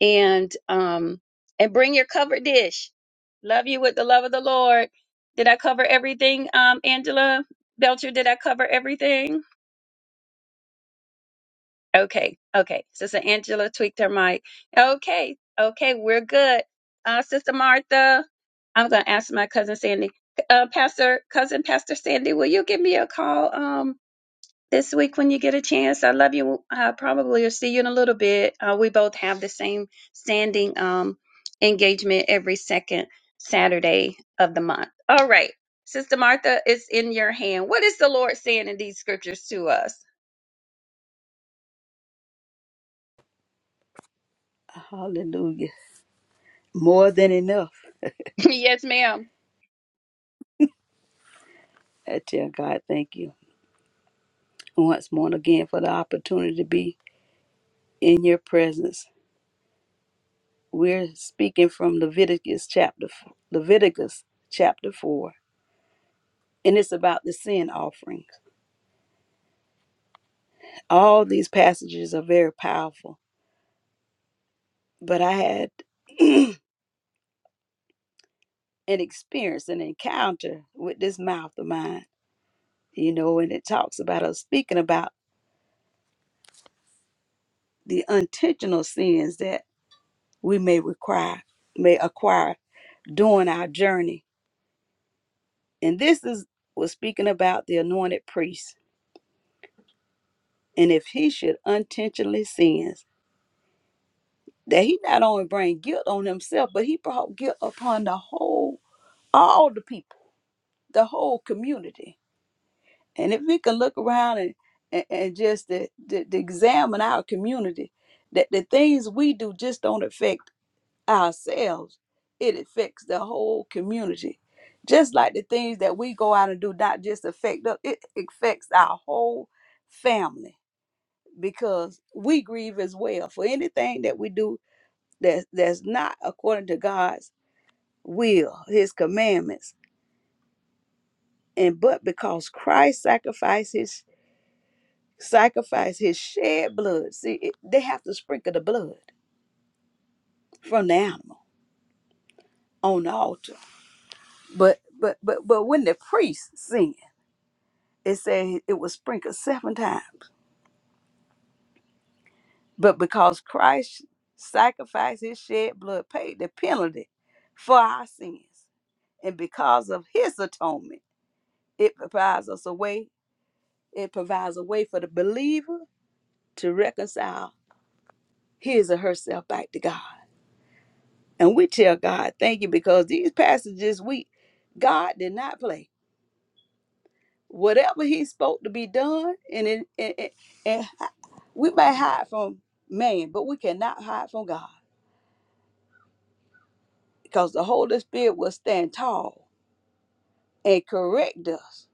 And um, and bring your covered dish. Love you with the love of the Lord. Did I cover everything, um, Angela Belcher? Did I cover everything? Okay, okay. Sister Angela tweaked her mic. Okay, okay, we're good. Uh, Sister Martha, I'm gonna ask my cousin Sandy. Uh, Pastor, cousin Pastor Sandy, will you give me a call um this week when you get a chance? I love you. I probably will see you in a little bit. Uh, we both have the same standing um engagement every second Saturday of the month. All right, Sister Martha, it's in your hand. What is the Lord saying in these scriptures to us? Hallelujah. More than enough. yes, ma'am. I tell God, thank you. once more again for the opportunity to be in your presence. We're speaking from Leviticus chapter Leviticus chapter 4 and it's about the sin offering. All these passages are very powerful, but I had an experience an encounter with this mouth of mine, you know, and it talks about us speaking about the intentional sins that we may require may acquire during our journey And this is was speaking about the anointed priest. And if he should unintentionally sins, that he not only bring guilt on himself, but he brought guilt upon the whole, all the people, the whole community. And if we can look around and and, and just to, to, to examine our community, that the things we do just don't affect ourselves, it affects the whole community. Just like the things that we go out and do not just affect us, it affects our whole family because we grieve as well for anything that we do that that's not according to God's will, his commandments. And but because Christ sacrificed his sacrificed his shed blood, see it, they have to sprinkle the blood from the animal on the altar. But but but but when the priest sins it said it was sprinkled seven times. But because Christ sacrificed his shed blood, paid the penalty for our sins, and because of his atonement, it provides us a way, it provides a way for the believer to reconcile his or herself back to God. And we tell God, thank you, because these passages we God did not play. Whatever he spoke to be done, and, it, and, and and we may hide from man, but we cannot hide from God. because the Holy Spirit will stand tall and correct us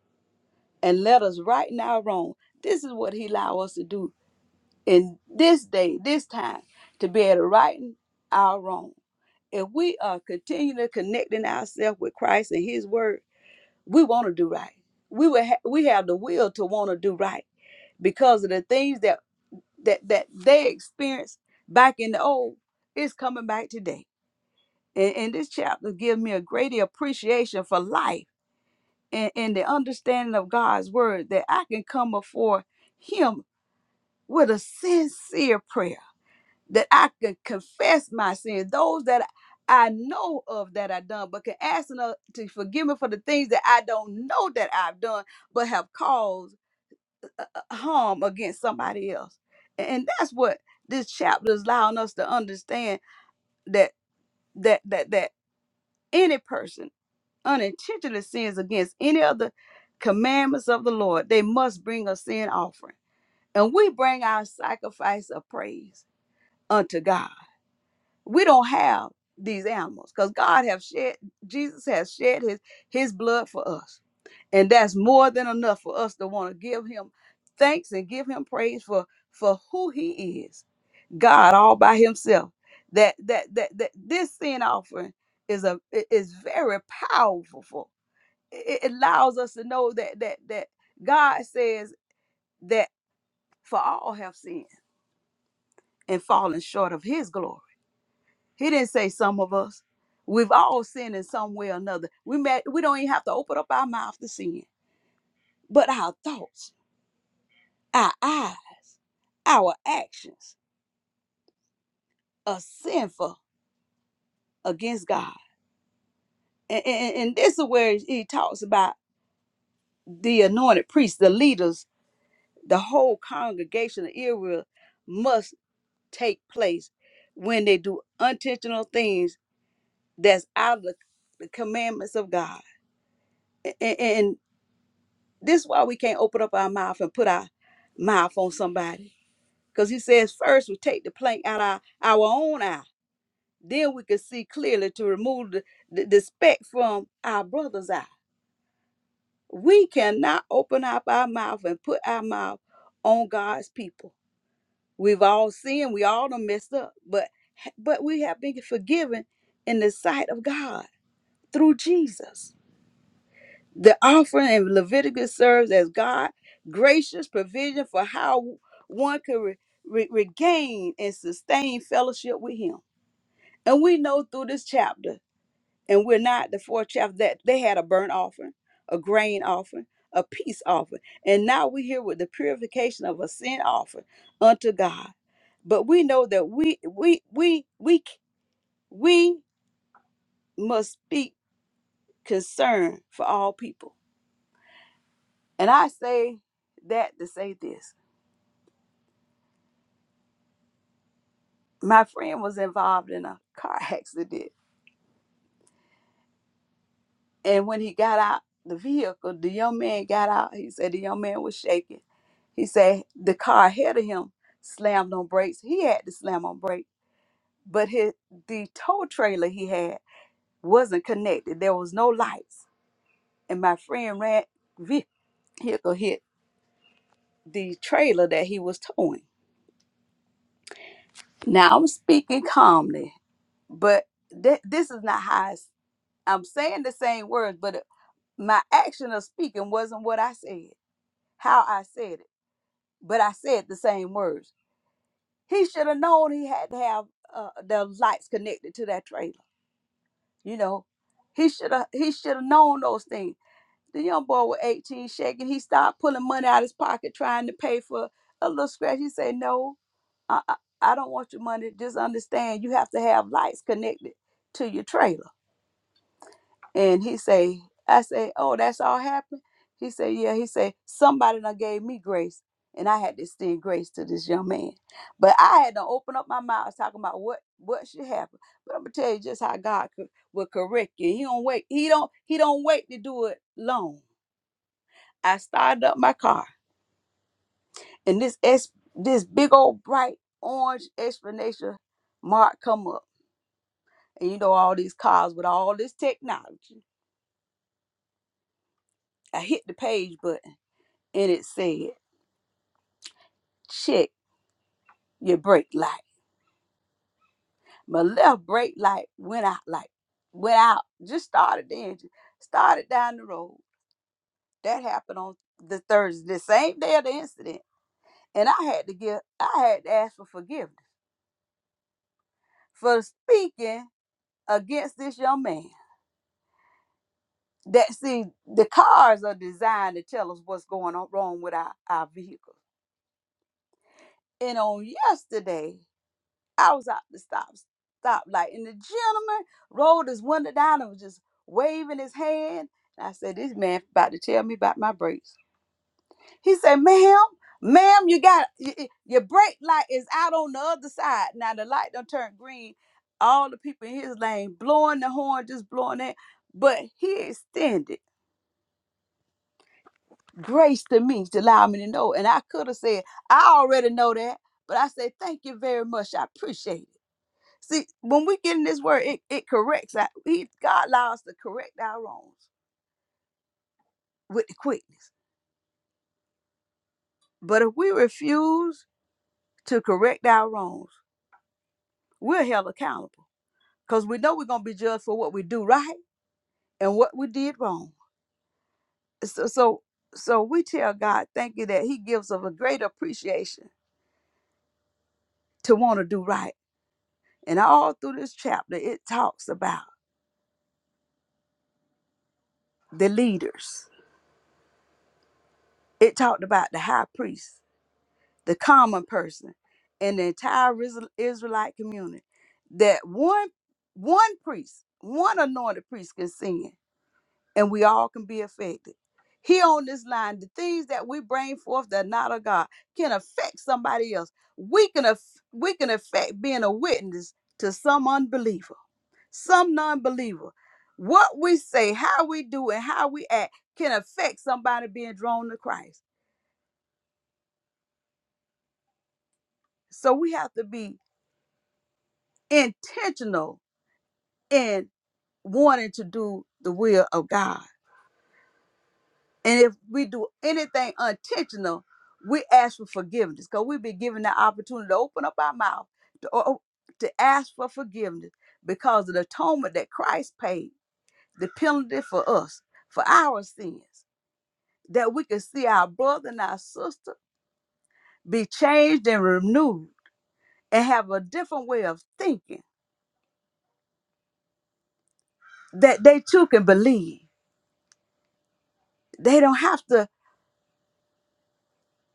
and let us right now wrong. This is what He allow us to do in this day, this time, to be able to right our wrong. If we are continually connecting ourselves with Christ and His Word, we want to do right. We will ha- we have the will to want to do right because of the things that that that they experienced back in the old. It's coming back today, and, and this chapter gives me a greater appreciation for life and, and the understanding of God's word that I can come before Him with a sincere prayer, that I can confess my sins, those that I know of that I've done, but can ask Him to to forgive me for the things that I don't know that I've done, but have caused uh, uh, harm against somebody else. And that's what this chapter is allowing us to understand that that that that any person unintentional sins against any of the commandments of the Lord, they must bring a sin offering. And we bring our sacrifice of praise unto God. We don't have these animals because God have shed, Jesus has shed his, his blood for us. And that's more than enough for us to want to give him thanks and give him praise for, for who he is. God all by himself. That that that, that this sin offering is a is very powerful it it allows us to know that that that God says that for all have sinned and fallen short of His glory. He didn't say some of us. We've all sinned in some way or another. We may, we don't even have to open up our mouth to sin, but our thoughts, our eyes, our actions are sinful against God. And, and, and this is where he talks about the anointed priests, the leaders, the whole congregation of Israel must. take place when they do unintentional things that's out of the, the commandments of God. And, and this is why we can't open up our mouth and put our mouth on somebody. Because he says, first we take the plank out our, our own eye. Then we can see clearly to remove the, the, the speck from our brother's eye. We cannot open up our mouth and put our mouth on God's people We've all sinned. We all done messed up, but but we have been forgiven in the sight of God through Jesus. The offering in Leviticus serves as God's gracious provision for how one could re- re- regain and sustain fellowship with Him. And we know through this chapter and we're not the fourth chapter that they had a burnt offering, a grain offering, a peace offering, and now we're here with the purification of a sin offering unto God. But we know that we we we we we must speak concern for all people, and I say that to say this: my friend was involved in a car accident, And when he got out the vehicle, the young man got out. He said the young man was shaking. He said the car ahead of him slammed on brakes. He had to slam on brake, but his the tow trailer he had wasn't connected. There was no lights, and my friend ran vehicle hit the trailer that he was towing. Now I'm speaking calmly, but th- this is not how I s- I'm saying the same words, but my action of speaking wasn't what I said, how I said it but I said the same words. He should have known he had to have uh, the lights connected to that trailer. You know, he should have he should have known those things. The young boy was 18, shaking. He started pulling money out of his pocket, trying to pay for a little scratch. He said, "No, I, I I don't want your money. Just understand, you have to have lights connected to your trailer." And he say, I say, oh, that's all happened. He said, yeah. He said, somebody done gave me grace, and I had to extend grace to this young man. But I had to open up my mouth talking about what what should happen. But I'm gonna tell you just how God could, will correct you. He don't wait. He don't. He don't wait to do it long. I started up my car, and this S, this big old bright orange explanation mark come up, and you know all these cars with all this technology. I hit the page button, and it said. check your brake light. My left brake light went out like went out. Just started the engine. Started down the road. That happened on the Thursday, the same day of the incident. And I had to give I had to ask for forgiveness for speaking against this young man. That see, the cars are designed to tell us what's going on wrong with our, our vehicles. And on yesterday, I was out the stop stop light. And the gentleman rolled his window down and was just waving his hand. And I said, This man about to tell me about my brakes. He said, Ma'am, ma'am, you got y- y- your brake light is out on the other side. Now the light done turned green. All the people in his lane blowing the horn, just blowing that. But he extended grace to me to allow me to know. And I could have said, I already know that. But I said, Thank you very much. I appreciate it. See, when we get in this word, it, it corrects. Our, he, God allows us to correct our wrongs with the quickness. But if we refuse to correct our wrongs, we're held accountable because we know we're going to be judged for what we do right and what we did wrong. So, so, so we tell God, thank you that He gives us a great appreciation to want to do right. And all through this chapter, it talks about the leaders. It talked about the high priest. the common person in the entire Isra- Israelite community that one one priest, one anointed priest can sin and we all can be affected. Here on this line, the things that we bring forth that are not of God can affect somebody else. We can aff- we can affect being a witness to some unbeliever, some non-believer. What we say, how we do it, how we act can affect somebody being drawn to Christ. So we have to be intentional and wanting to do the will of God. And if we do anything unintentional, we ask for forgiveness because we've been given the opportunity to open up our mouth to, o- to ask for forgiveness because of the atonement that Christ paid, the penalty for us, for our sins, that we can see our brother and our sister be changed and renewed and have a different way of thinking that they too can believe. They don't have to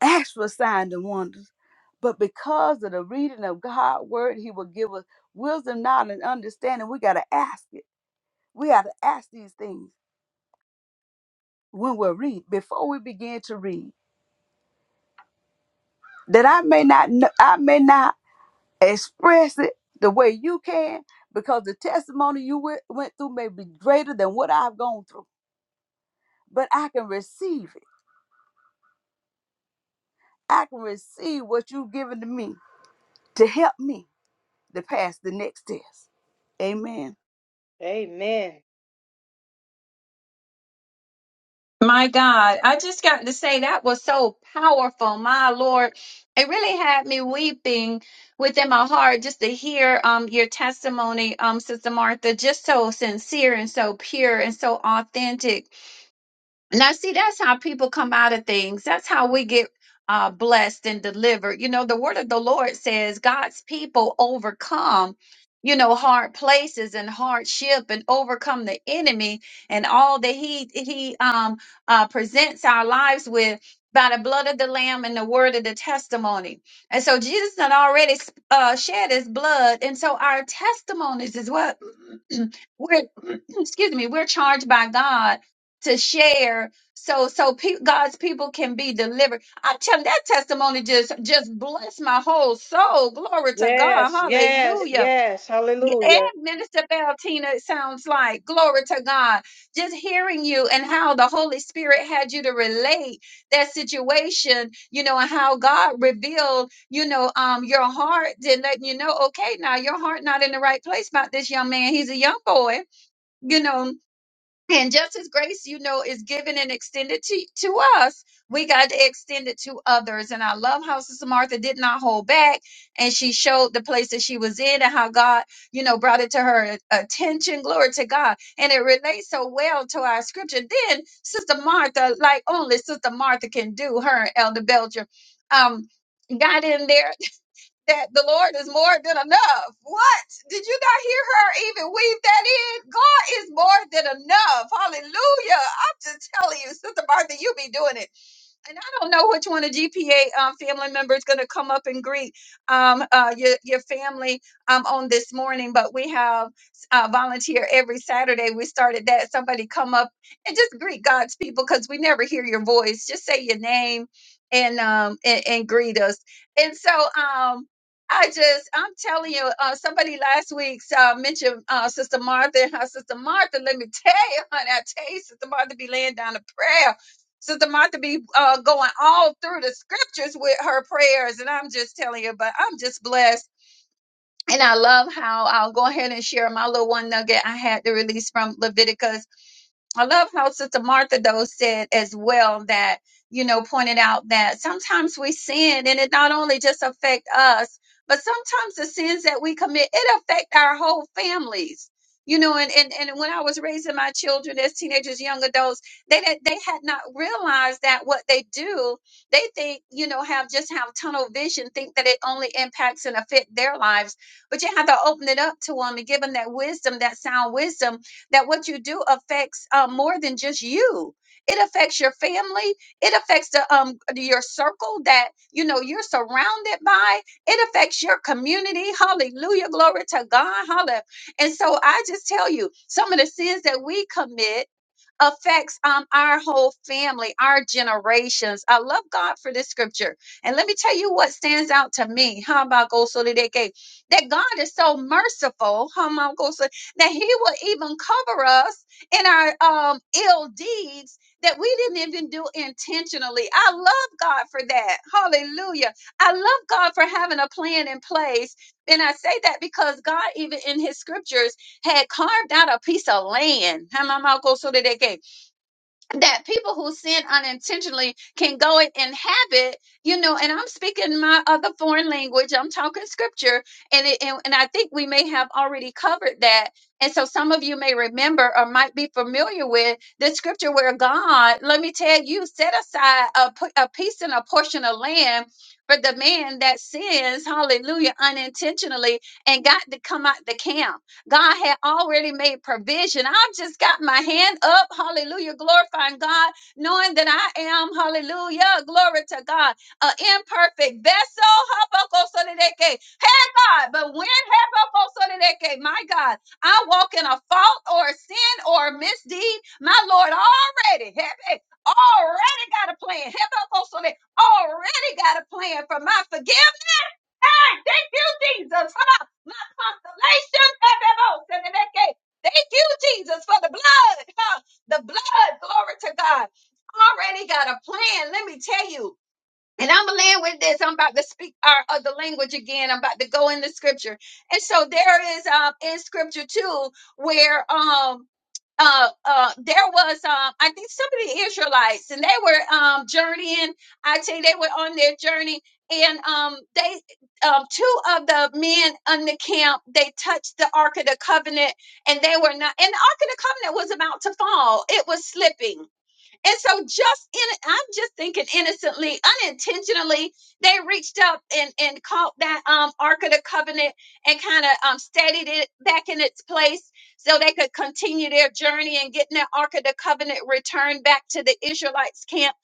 Actual signs and wonders. But because of the reading of God's word, He will give us wisdom, knowledge, and understanding. We got to ask it. We got to ask these things when we read, before we begin to read. That I may not, know, I may not express it the way you can, because the testimony you went, went through may be greater than what I've gone through. But I can receive it. I can receive what you've given to me to help me to pass the next test. Amen. Amen. My God, I just got to say that was so powerful. My Lord, it really had me weeping within my heart just to hear um your testimony, um Sister Martha, just so sincere and so pure and so authentic. Now, see, that's how people come out of things. That's how we get uh, blessed and delivered. You know, the word of the Lord says God's people overcome, you know, hard places and hardship and overcome the enemy and all that he he um uh, presents our lives with by the blood of the lamb and the word of the testimony. And so Jesus had already uh, shed his blood. And so our testimonies is what we're, excuse me, we're charged by God to share so so pe- God's people can be delivered. I tell you, that testimony just just bless my whole soul. Glory to God. Yes, yes, Hallelujah. yes. Hallelujah. And Minister Valentina, it sounds like glory to God. Just hearing you and how the Holy Spirit had you to relate that situation, you know, and how God revealed, you know, um, your heart and letting you know, okay, now your heart not in the right place about this young man. He's a young boy, you know and just as grace, you know, is given and extended to, to us, we got to extend it to others. And I love how Sister Martha did not hold back and she showed the place that she was in and how God, you know, brought it to her attention. Glory to God. And it relates so well to our scripture. Then Sister Martha, like only Sister Martha can do, her and Elder Belcher, um, got in there that the Lord is more than enough. What? Did you not hear her even weave that in? God is more than enough. Hallelujah. I'm just telling you, Sister Martha, you be doing it and I don't know which one of GPA um, family members going to come up and greet um, uh, your, your family um, on this morning, but we have uh, volunteer every Saturday. We started that. Somebody come up and just greet God's people because we never hear your voice. Just say your name and um, and, and greet us. And so um, I just, I'm telling you, uh, somebody last week uh, mentioned uh, Sister Martha and her Sister Martha. Let me tell you, honey, I tell you, Sister Martha be laying down a prayer Sister Martha be uh, going all through the scriptures with her prayers, and I'm just telling you, but I'm just blessed. And I love how I'll go ahead and share my little one nugget I had to release from Leviticus I love how Sister Martha though said as well that you know pointed out that sometimes we sin and it not only just affect us, but sometimes the sins that we commit it affect our whole families. You know, and, and and when I was raising my children as teenagers, young adults, they did they had not realized that what they do, they think you know have just have tunnel vision, think that it only impacts and affect their lives. But you have to open it up to them and give them that wisdom, that sound wisdom, that what you do affects uh, more than just you. It affects your family. It affects the um your circle that you know you're surrounded by. It affects your community. Hallelujah, glory to God. Hallelujah. And so I just tell you, some of the sins that we commit affects um, our whole family, our generations. I love God for this scripture. And let me tell you what stands out to me. How about go so that they gave- that God is so merciful, how about go so that He will even cover us in our um, ill deeds that we didn't even do intentionally. I love God for that. Hallelujah. I love God for having a plan in place. And I say that because God, even in His scriptures, had carved out a piece of land Hamamakosoreke, that people who sin unintentionally can go and inhabit, you know, and I'm speaking my other foreign language, I'm talking scripture, and, it, and, and I think we may have already covered that. And so some of you may remember or might be familiar with the scripture where God, let me tell you, set aside a, p- a piece and a portion of land for the man that sins, hallelujah, unintentionally and got to come out the camp. God had already made provision. I've just got my hand up, hallelujah, glorifying God, knowing that I am, hallelujah, glory to God, an imperfect vessel. Habakkuk-sodeke. Hey, God, but when Habakkuk-sodeke, my God, I walk in a fault or a sin or a misdeed, my Lord already, hey, hey, already got a plan. Habakkuk-sodeke, Already got a plan for my forgiveness time. Thank you, Jesus, for the, my consolation. of the most. And in that case, Thank you, Jesus, for the blood. huh? The blood, glory to God. Already got a plan. Let me tell you. And I'm gonna land with this. I'm about to speak our other language again. I'm about to go in the scripture. And so there is um in scripture too, where um uh, uh, there was, um, I think, some of the Israelites, and they were um, journeying. I tell you, they were on their journey, and um, they, um, two of the men on the camp, they touched the Ark of the Covenant, and they were not. And the Ark of the Covenant was about to fall; it was slipping. And so just in I'm just thinking innocently, unintentionally, they reached up and and caught that um Ark of the Covenant and kind of um steadied it back in its place so they could continue their journey and getting that Ark of the Covenant returned back to the Israelites camp.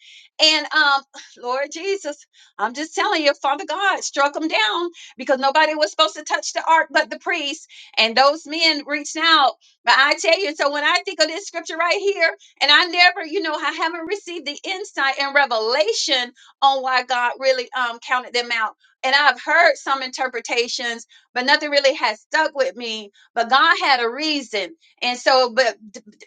And um Lord Jesus, I'm just telling you, Father God struck them down because nobody was supposed to touch the ark but the priests. And those men reached out. But I tell you, so when I think of this scripture right here, and I never, you know, I haven't received the insight and revelation on why God really um, counted them out. And I've heard some interpretations, but nothing really has stuck with me. But God had a reason. And so, but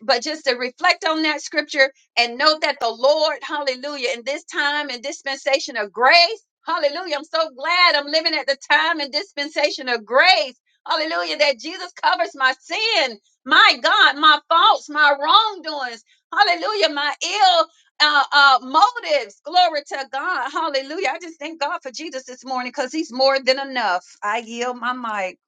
but just to reflect on that scripture and know that the Lord, hallelujah, in this time and dispensation of grace, hallelujah. I'm so glad I'm living at the time and dispensation of grace. Hallelujah, that Jesus covers my sin, my God, my faults, my wrongdoings Hallelujah. My ill uh, uh, motives. Glory to God. Hallelujah. I just thank God for Jesus this morning because he's more than enough. I yield my mic.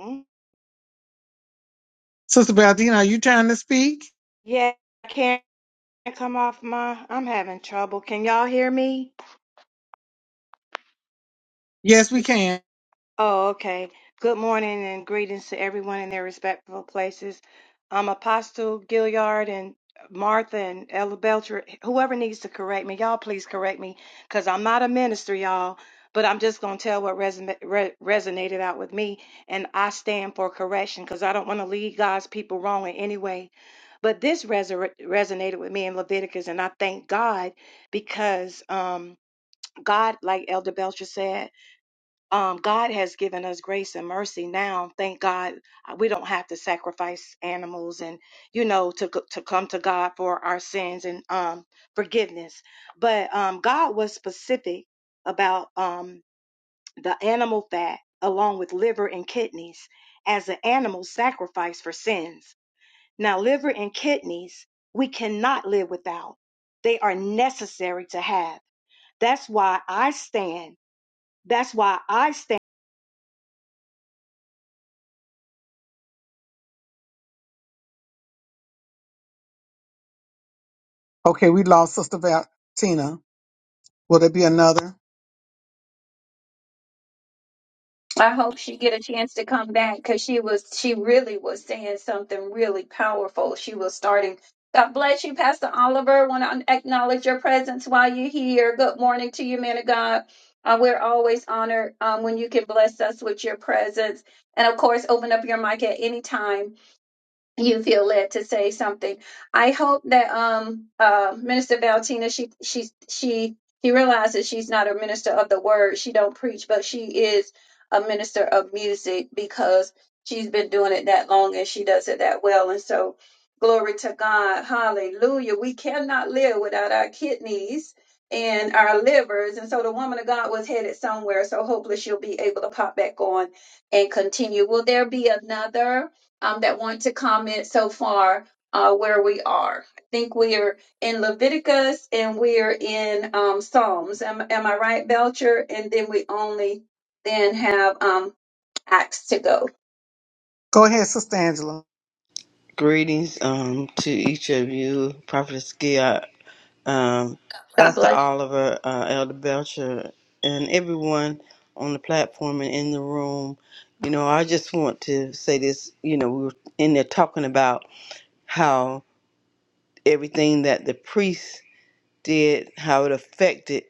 Mm, Yeah, I can't come off my. I'm having trouble. Can y'all hear me? Oh, okay. Good morning and greetings to everyone in their respectful places. Um, Apostle Gilliard and Martha and Ella Belcher, whoever needs to correct me, y'all please correct me because I'm not a minister, y'all, but I'm just going to tell what resume, re- resonated out with me. And I stand for correction because I don't want to lead God's people wrong in any way. But this resor- resonated with me in Leviticus, and I thank God because um, God, like Elder Belcher said, um, God has given us grace and mercy now. Thank God uh, we don't have to sacrifice animals and, you know, to, c- to come to God for our sins and um, forgiveness. But um, God was specific about um, the animal fat along with liver and kidneys as an animal sacrifice for sins. Now, liver and kidneys, we cannot live without. They are necessary to have. That's why I stand. That's why I stand I hope she get a chance to come back because she was she really was saying something really powerful. She was starting. God bless you, Pastor Oliver. Want to acknowledge your presence while you're here. Good morning to you, man of God. Uh, we're always honored um, when you can bless us with your presence. And of course, open up your mic at any time. you feel led to say something. I hope that um uh Minister Valentina she she she he realizes she's not a minister of the word. She don't preach, but she is a minister of music because she's been doing it that long and she does it that well. And so glory to God. Hallelujah. We cannot live without our kidneys and our livers. And so the woman of God was headed somewhere. So hopefully she'll be able to pop back on and continue. Will there be another? um, that want to comment so far uh, where we are. I think we are in Leviticus and we are in um, Psalms. Am, am I right, Belcher? And then we only then have um, Acts to go. Greetings um, to each of you, Prophet Skia, um, God Pastor bless. Oliver, uh, Elder Belcher, and everyone on the platform and in the room. You know, I just want to say this. You know, we were in there talking about how everything that the priests did, how it affected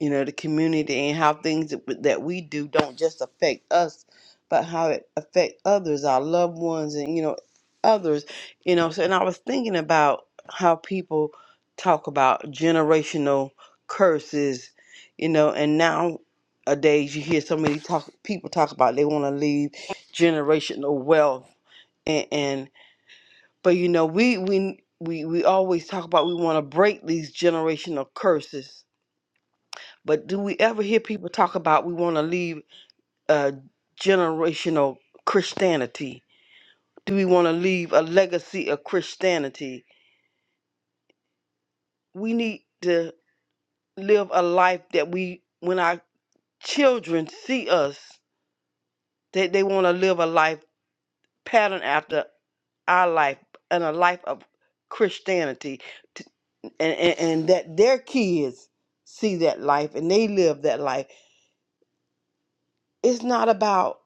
you know, the community and how things that that we do don't just affect us, but how it affect others, our loved ones, and you know, others, you know. So, and I was thinking about how people talk about generational curses, you know, and nowadays you hear so many talk people talk about they want to leave generational wealth and, and but you know we we we we always talk about we want to break these generational curses but do we ever hear people talk about we want to leave a generational Christianity? Do we want to leave a legacy of Christianity? We need to live a life that we, when our children see us, that they want to live a life pattern after our life and a life of Christianity, t- and, and, and that their kids see that life and they live that life. It's not about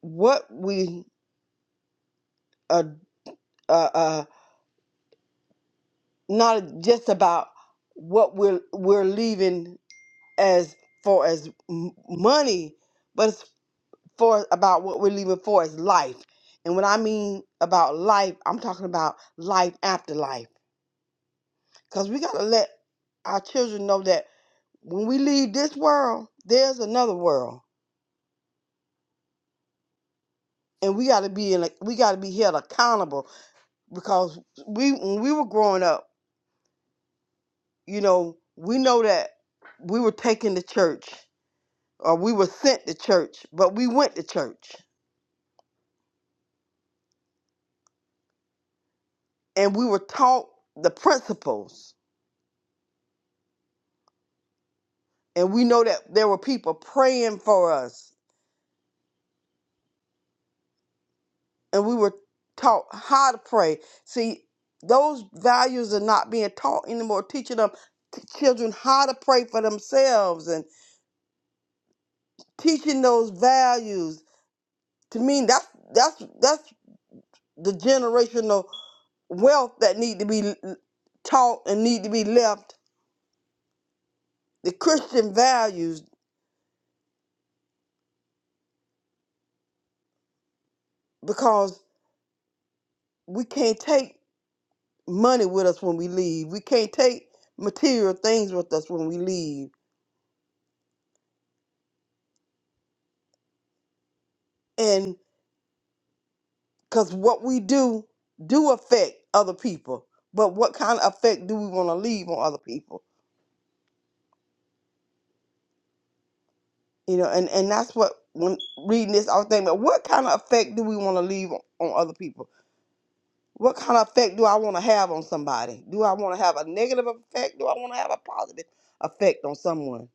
what we uh, uh, uh, not just about what we're we're leaving as far as m- money, but it's for about what we're leaving for as life. And when I mean about life, I'm talking about life after life, because we gotta let our children know that when we leave this world, there's another world, and we gotta be in a, we gotta be held accountable because we when we were growing up, you know, we know that we were taken to church or we were sent to church, but we went to church and we were taught the principles. And we know that there were people praying for us and we were taught how to pray. See, those values are not being taught anymore, teaching them t- children how to pray for themselves and teaching those values. To me, that's that's that's the generational wealth that need to be l- taught and need to be left. The Christian values, because we can't take money with us when we leave. We can't take material things with us when we leave. And because what we do do affect other people. But what kind of effect do we want to leave on other people? You know, and, and that's what when reading this, I was thinking about what kind of effect do we want to leave on, on other people? What kind of effect do I want to have on somebody? Do I want to have a negative effect? Do I want to have a positive effect on someone?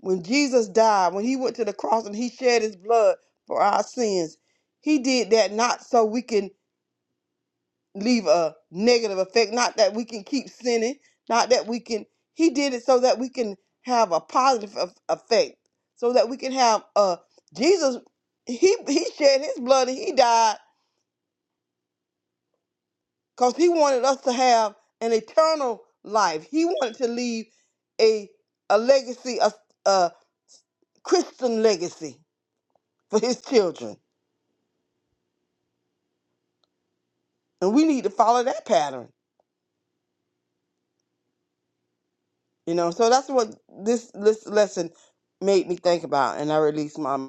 When Jesus died, when he went to the cross and he shed his blood for our sins, he did that not so we can leave a negative effect, not that we can keep sinning, not that we can, he did it so that we can have a positive eff- effect, so that we can have a, Jesus, he, he shed his blood and he died because he wanted us to have an eternal life. He wanted to leave a a legacy, a, a Christian legacy for his children. And we need to follow that pattern, you know. So that's what this this lesson made me think about, and I released my.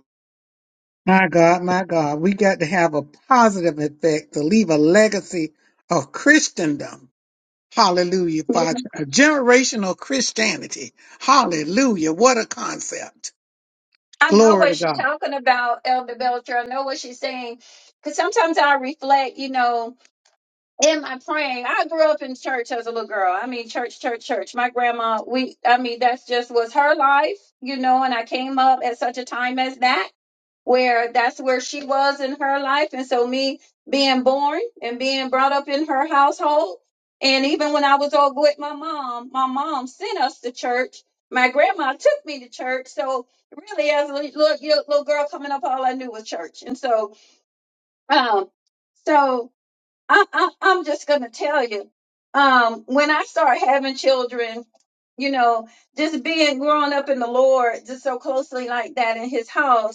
Yeah, I know what she's talking about, Elder Belcher. I know what she's saying. Because sometimes I reflect, you know, in my praying. I grew up in church as a little girl. I mean, church, church, church. My grandma, we, I mean, that's just was her life, you know, and I came up at such a time as that where that's where she was in her life. And so, me being born and being brought up in her household, and even when I was over with my mom, my mom sent us to church. My grandma took me to church. So, really, as a little, little little girl coming up, all I knew was church. And so, um, so I, I, I'm just going to tell you um, when I start having children, you know, just being growing up in the Lord just so closely like that in his house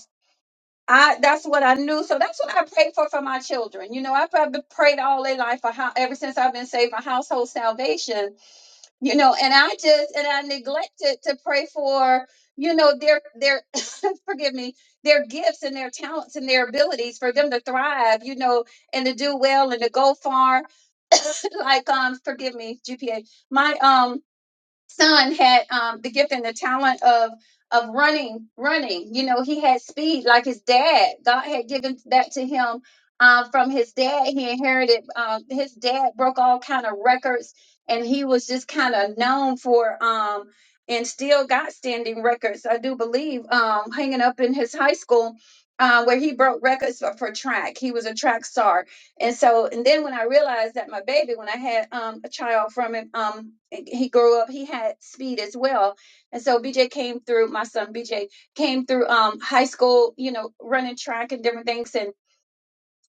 I that's what I knew. So that's what I prayed for for my children. You know, I probably prayed all their life for how ever since I've been saved for household salvation. You know, and I just and I neglected to pray for you know their their forgive me their gifts and their talents and their abilities for them to thrive. You know, and to do well and to go far. like um forgive me GPA my um son had um, the gift and the talent of of running, running. You know, he had speed like his dad. God had given that to him um, from his dad. He inherited. Um, his dad broke all kind of records, and he was just kind of known for. Um, and still got standing records, I do believe, um, hanging up in his high school, uh, where he broke records for, for track. He was a track star, and so, and then when I realized that my baby, when I had um, a child from him, um, he grew up, he had speed as well. And so BJ came through, my son BJ came through um, high school, you know, running track and different things. and.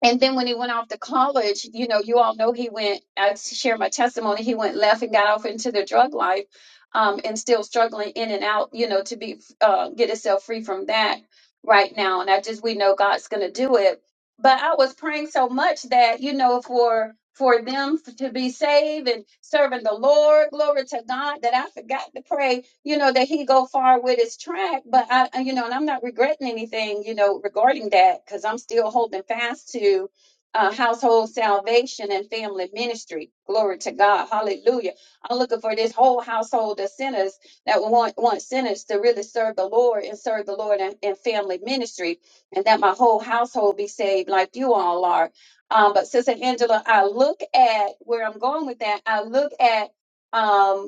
And then when he went off to college, you know, you all know he went, I share my testimony, he went left and got off into the drug life um, and still struggling in and out, you know, to be, uh, get himself free from that right now. And I just, we know God's going to do it. But I was praying so much that, you know, for, for them to be saved and serving the Lord, glory to God, that I forgot to pray you know, that he go far with his track, but I, I- you know, and I'm not regretting anything, you know, regarding that because I'm still holding fast to uh, household salvation and family ministry. Glory to God, Hallelujah! I'm looking for this whole household of sinners that want want sinners to really serve the Lord and serve the Lord in, in family ministry, and that my whole household be saved like you all are. Um, but Sister Angela, I look at where I'm going with that. I look at um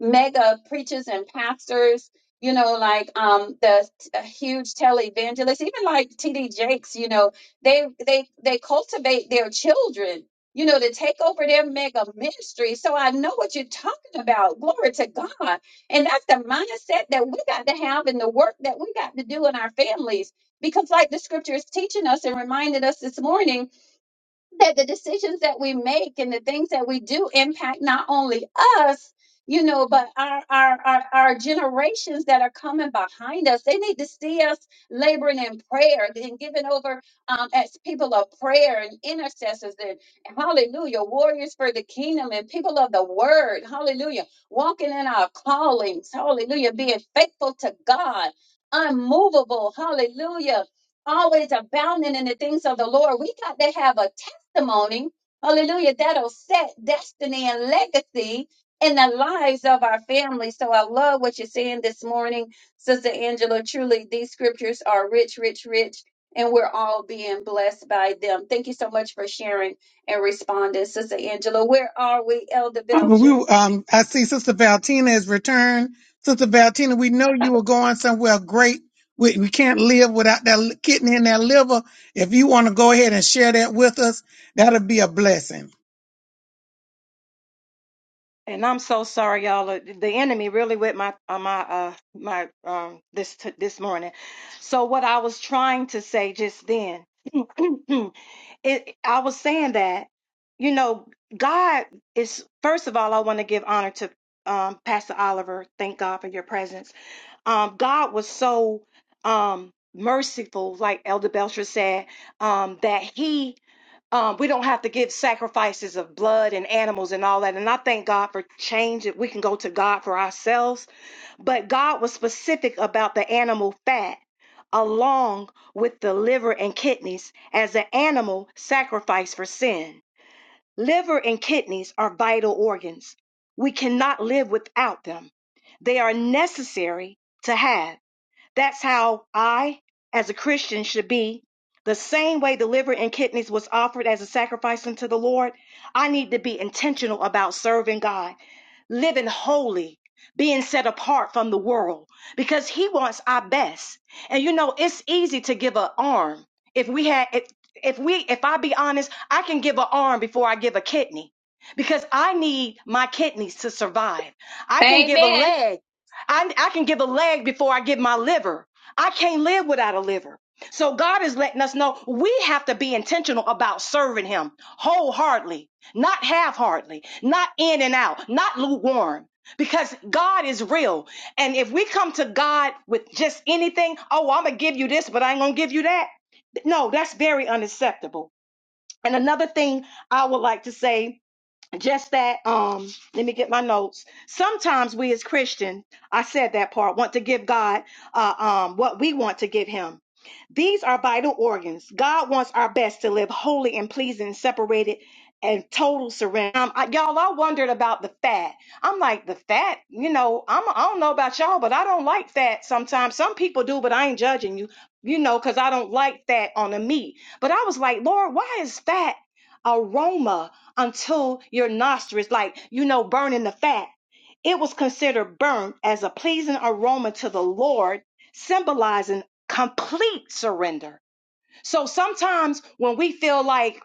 mega preachers and pastors, you know, like um the uh, huge televangelists, even like TD Jakes, you know, they they they cultivate their children, you know, to take over their mega ministry. So I know what you're talking about. Glory to God. And that's the mindset that we got to have in the work that we got to do in our families. Because like the scripture is teaching us and reminded us this morning, that the decisions that we make and the things that we do impact not only us you know but our, our our our generations that are coming behind us they need to see us laboring in prayer and giving over um, as people of prayer and intercessors and hallelujah warriors for the kingdom and people of the word hallelujah walking in our callings hallelujah being faithful to god unmovable hallelujah always abounding in the things of the Lord. We got to have a testimony, hallelujah, that'll set destiny and legacy in the lives of our families. So I love what you're saying this morning, Sister Angela. Truly, these scriptures are rich, rich, rich, and we're all being blessed by them. Thank you so much for sharing and responding, Sister Angela. Where are we, Elder Belcher? And I'm so sorry, y'all. Uh, The enemy really with my uh, my uh my um this t- this morning. So what I was trying to say just then, it I was saying that you know God is first of all I want to give honor to um Pastor Oliver. Thank God for your presence. Um, God was so um merciful, like Elder Belcher said, um that he um, we don't have to give sacrifices of blood and animals and all that. And I thank God for change that we can go to God for ourselves. But God was specific about the animal fat along with the liver and kidneys as an animal sacrifice for sin. Liver and kidneys are vital organs. We cannot live without them. They are necessary to have. That's how I, as a Christian, should be. The same way the liver and kidneys was offered as a sacrifice unto the Lord, I need to be intentional about serving God, living holy, being set apart from the world, because He wants our best. And you know, it's easy to give an arm. If we had, if, if we, if I be honest, I can give an arm before I give a kidney, because I need my kidneys to survive. I can give a Amen. leg I, I can give a leg before I give my liver. I can't live without a liver. So God is letting us know we have to be intentional about serving Him wholeheartedly, not half-heartedly, not in and out, not lukewarm. Because God is real. And if we come to God with just anything, oh, I'm going to give you this, but I ain't going to give you that. No, that's very unacceptable. And another thing I would like to say just that um let me get my notes sometimes we as Christians, i said that part want to give god uh um what we want to give him these are vital organs. God wants our best to live holy and pleasing, separated and total surrender. Um, I, y'all, I wondered about the fat. I'm like, the fat, you know, I'm, I don't know about y'all, but I don't like fat sometimes. Some people do, but I ain't judging you, you know, because I don't like fat on the meat. But I was like, Lord, why is fat aroma until your nostrils, like, you know, burning the fat? It was considered burnt as a pleasing aroma to the Lord, symbolizing complete surrender. So sometimes when we feel like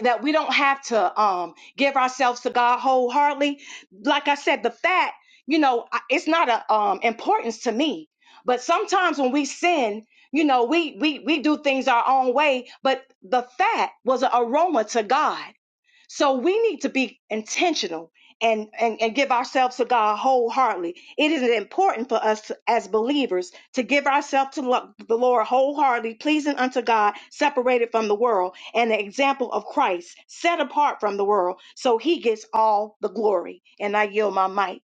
that we don't have to um give ourselves to God wholeheartedly, like I said, the fat, you know, I- it's not a um importance to me. But sometimes when we sin, you know, we we we do things our own way, but the fat was an aroma to God. So we need to be intentional and, and, and give ourselves to God wholeheartedly. It is important for us to- as believers to give ourselves to lo- the Lord wholeheartedly, pleasing unto God, separated from the world, and the example of Christ, set apart from the world, so he gets all the glory. And I yield my might.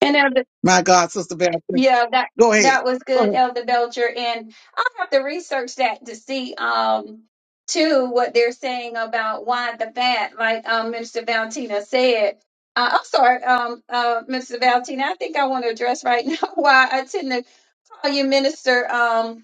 And Elder. Yeah, that that was good, Elder Belcher, and I'll have to research that to see um too what they're saying about why the fat, like um Minister Valentina said. Uh, I'm sorry, um uh Minister Valentina, I think I want to address right now why I tend to call you Minister. Um,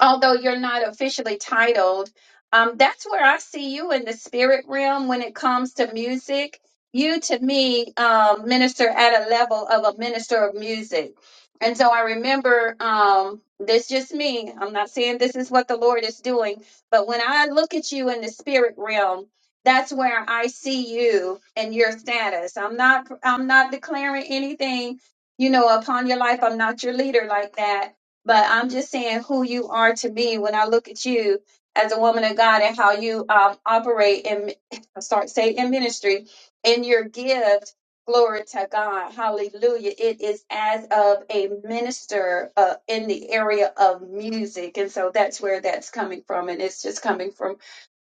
although you're not officially titled, um, that's where I see you in the spirit realm when it comes to music. You, to me, um, minister at a level of a minister of music. And so I remember um, this just me. I'm not saying this is what the Lord is doing, but when I look at you in the spirit realm, that's where I see you and your status. I'm not I'm not declaring anything, you know, upon your life. I'm not your leader like that but I'm just saying who you are to me when I look at you as a woman of God and how you um, operate in start say in ministry in your gift. Glory to God, Hallelujah! It is as of a minister uh, in the area of music, and so that's where that's coming from, and it's just coming from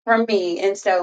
from me, and so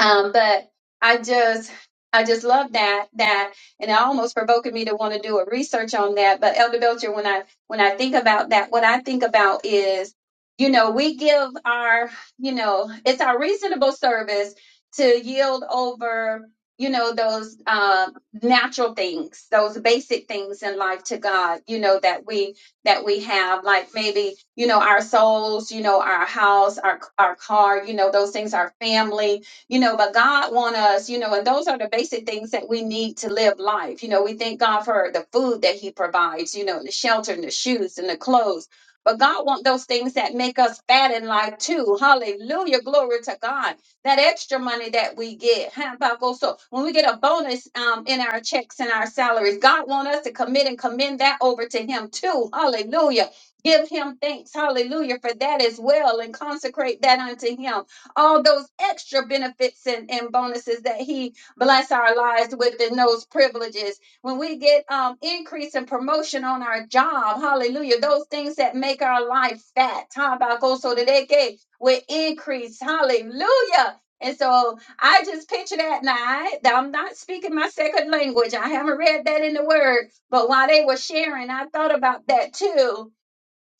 um, but I just I just love that that and it almost provoked me to want to do a research on that. But Elder Belcher, when I when I think about that, what I think about is, you know, we give our, you know, it's our reasonable service to yield over, you know, those um, natural things, those basic things in life to God, you know, that we that we have, like maybe, you know, our souls, you know, our house, our our car, you know, those things, our family, you know but god want us you know and those are the basic things that we need to live life you know we thank god for the food that he provides you know the shelter and the shoes and the clothes but god want those things that make us fat in life too hallelujah glory to god that extra money that we get huh, about go so when we get a bonus um, in our checks and our salaries god want us to commit and commend that over to him too hallelujah give him thanks hallelujah for that as well and consecrate that unto him all those extra benefits and, and bonuses that he bless our lives with and those privileges. When we get um, increase and promotion on our job, hallelujah, those things that make our life fat, so that will increase, hallelujah. And so I just picture that now. I, I'm not speaking my second language. I haven't read that in the word. But while they were sharing, I thought about that too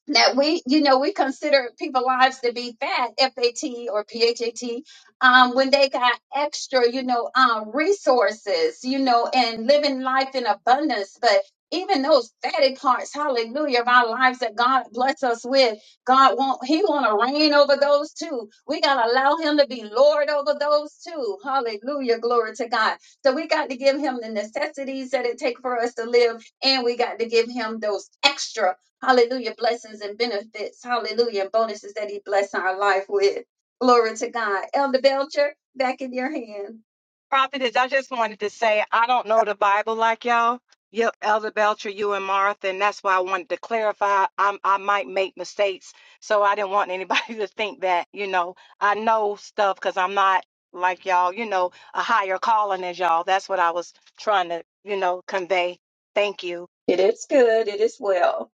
that we, you know, we consider people lives to be fat, FAT or PHAT, um, when they got extra, you know, um, resources, you know, and living life in abundance. But even those fatty parts, hallelujah, of our lives that God bless us with, God won't, He want to reign over those too. We gotta allow Him to be Lord over those too. Hallelujah, glory to God. So we got to give Him the necessities that it take for us to live, and we got to give Him those extra. Hallelujah. Blessings and benefits. Hallelujah. And bonuses that he blessed our life with. Glory to God. Elder Belcher, back in your hand. Prophetess, I just wanted to say I don't know the Bible like y'all. You, Elder Belcher, you and Martha, and that's why I wanted to clarify. I'm, I might make mistakes, so I didn't want anybody to think that you know I know stuff because I'm not like y'all. You know, a higher calling as y'all. That's what I was trying to you know convey. Thank you. It is good. It is well.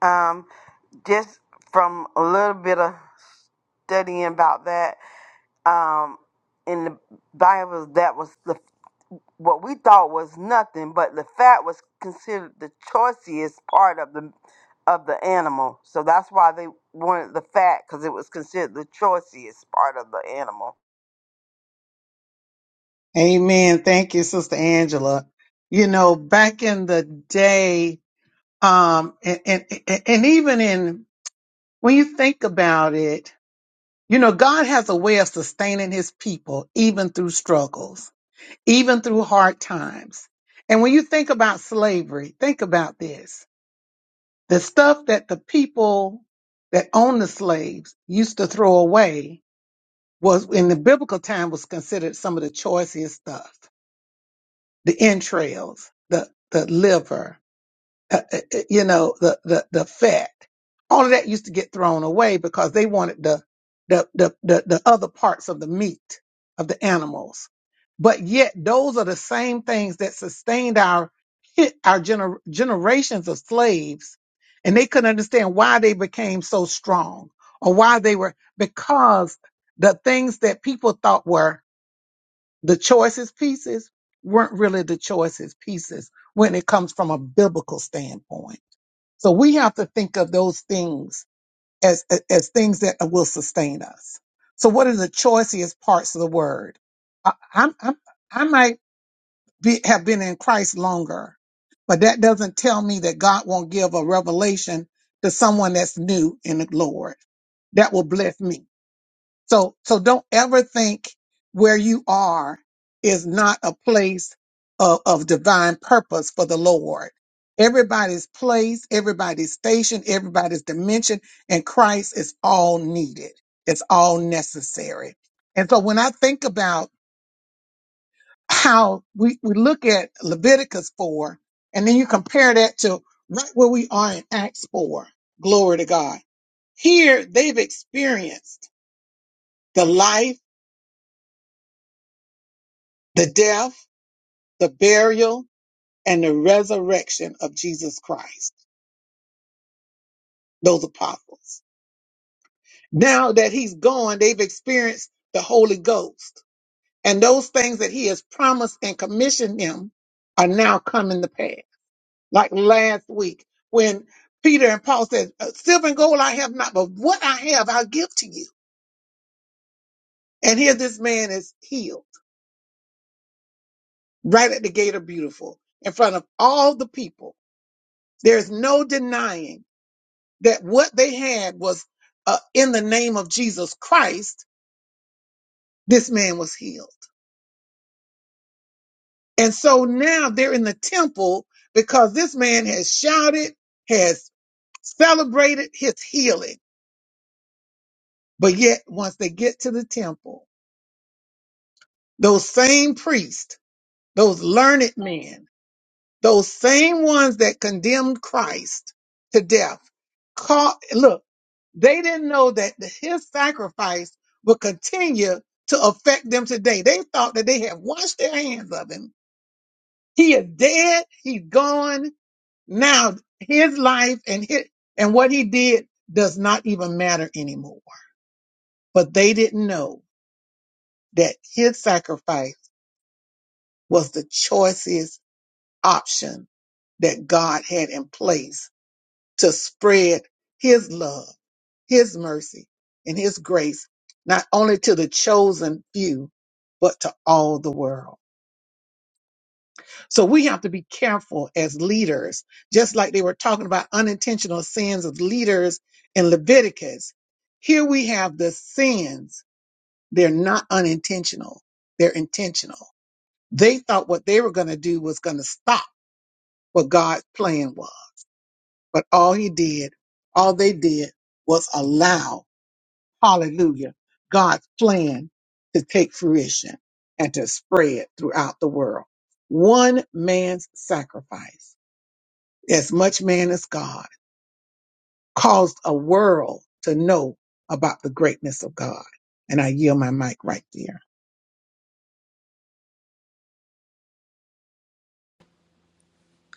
Um, just from a little bit of studying about that, um, in the Bible, that was the what we thought was nothing, but the fat was considered the choicest part of the of the animal. So that's why they wanted the fat because it was considered the choicest part of the animal.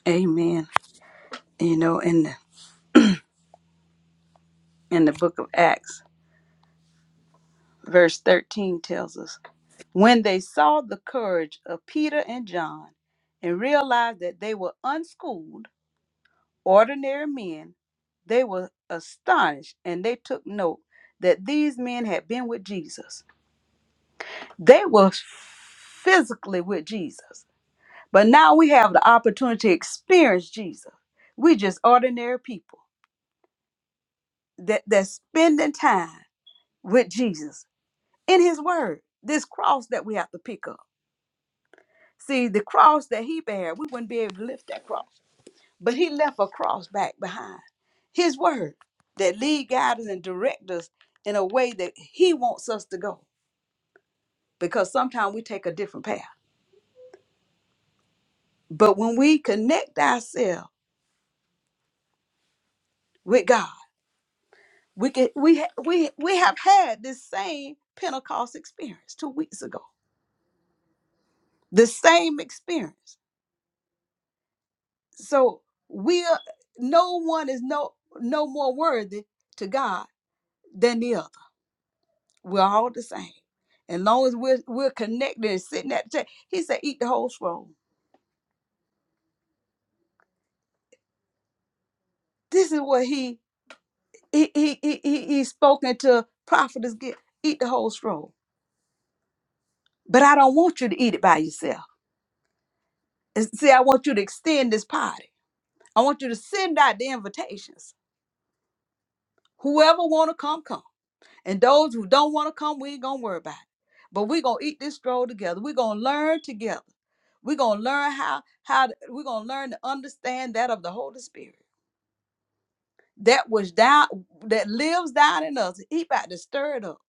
Amen. You know, in the, in the book of Acts, verse 13 tells us when they saw the courage of Peter and John and realized that they were unschooled, ordinary men, they were astonished and they took note that these men had been with Jesus. They were physically with Jesus, but now we have the opportunity to experience Jesus. We just ordinary people that, that's spending time with Jesus in his word this cross that we have to pick up see the cross that he bare we wouldn't be able to lift that cross but he left a cross back behind his word that lead guide us and direct us in a way that he wants us to go because sometimes we take a different path but when we connect ourselves with god we can we ha- we we have had this same pentecost experience two weeks ago the same experience So we are, no one is no no more worthy to God than the other. We're all the same. And long as we're we're connected and sitting at the table, he said, eat the whole scroll. This is what he he he he, he he spoken to prophetess get eat the whole scroll. But I don't want you to eat it by yourself. And See, I want you to extend this party. I want you to send out the invitations. Whoever wanna come, come. And those who don't want to come, we ain't gonna worry about it. But we're gonna eat this stroll together. We're gonna learn together. We're gonna learn how how to- we're gonna learn to understand that of the Holy Spirit. That was down that lives down in us. He about to stir it up.